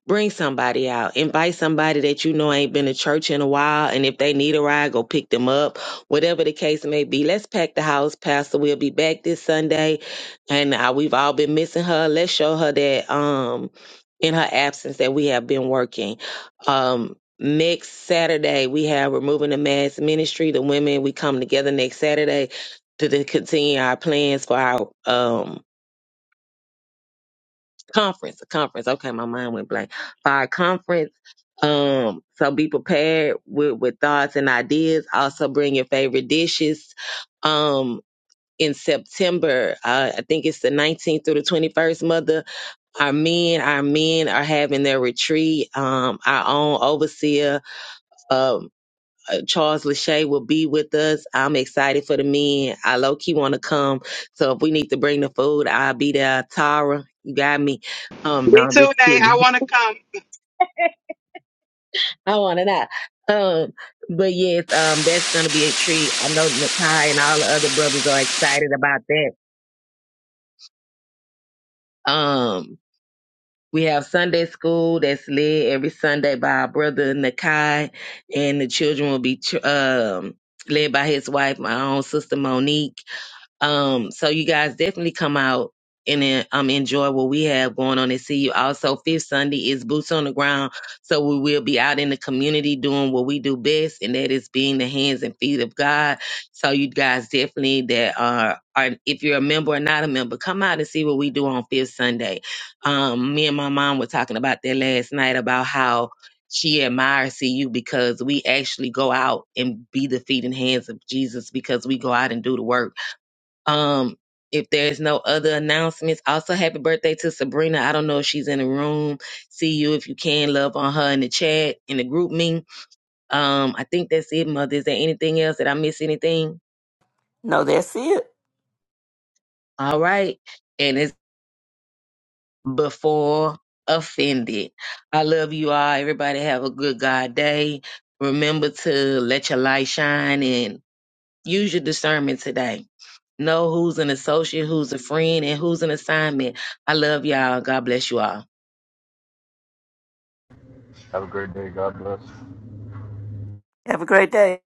Speaker 1: Bring somebody out. Invite somebody that you know ain't been to church in a while. And if they need a ride, go pick them up. Whatever the case may be. Let's pack the house, Pastor. We'll be back this Sunday. And uh, we've all been missing her. Let's show her that um in her absence that we have been working. Um next Saturday we have removing the mass ministry. The women we come together next Saturday to, to continue our plans for our um conference. Conference. Okay, my mind went blank. For our conference um, so be prepared with, with thoughts and ideas. Also bring your favorite dishes. Um, in September, uh, I think it's the 19th through the 21st, Mother. Our men, our men are having their retreat. Um, our own overseer, um, uh, Charles Lachey will be with us. I'm excited for the men. I low key want to come. So if we need to bring the food, I'll be there. Tara, you got me. Um, no,
Speaker 4: Me
Speaker 1: I'm
Speaker 4: too,
Speaker 1: just
Speaker 4: Nay.
Speaker 1: kidding.
Speaker 4: I want to come.
Speaker 1: I want to out. Um, but yes, um, that's gonna be a treat. I know Nakai and all the other brothers are excited about that. Um, we have Sunday school that's led every Sunday by our brother Nakai, and the children will be tr- um led by his wife, my own sister Monique. Um, so you guys definitely come out and en- um enjoy what we have going on at CU. Also, fifth Sunday is boots on the ground, so we will be out in the community doing what we do best, and that is being the hands and feet of God. So you guys definitely that are are if you're a member or not a member, come out and see what we do on fifth Sunday. Um, me and my mom were talking about that last night about how. She admires CU because we actually go out and be the feet and hands of Jesus because we go out and do the work um, if there's no other announcements, also happy birthday to Sabrina. I don't know if she's in the room. See you if you can. Love on her in the chat, in the group me. Um, I think that's it, mother. Is there anything else? Did I miss anything?
Speaker 6: No, that's it.
Speaker 1: All right. And it's before offended. I love you all. Everybody have a good God day. Remember to let your light shine and use your discernment today. Know who's an associate, who's a friend, and who's an assignment. I love y'all. God bless you all.
Speaker 9: have a great day. God bless.
Speaker 6: Have a great day.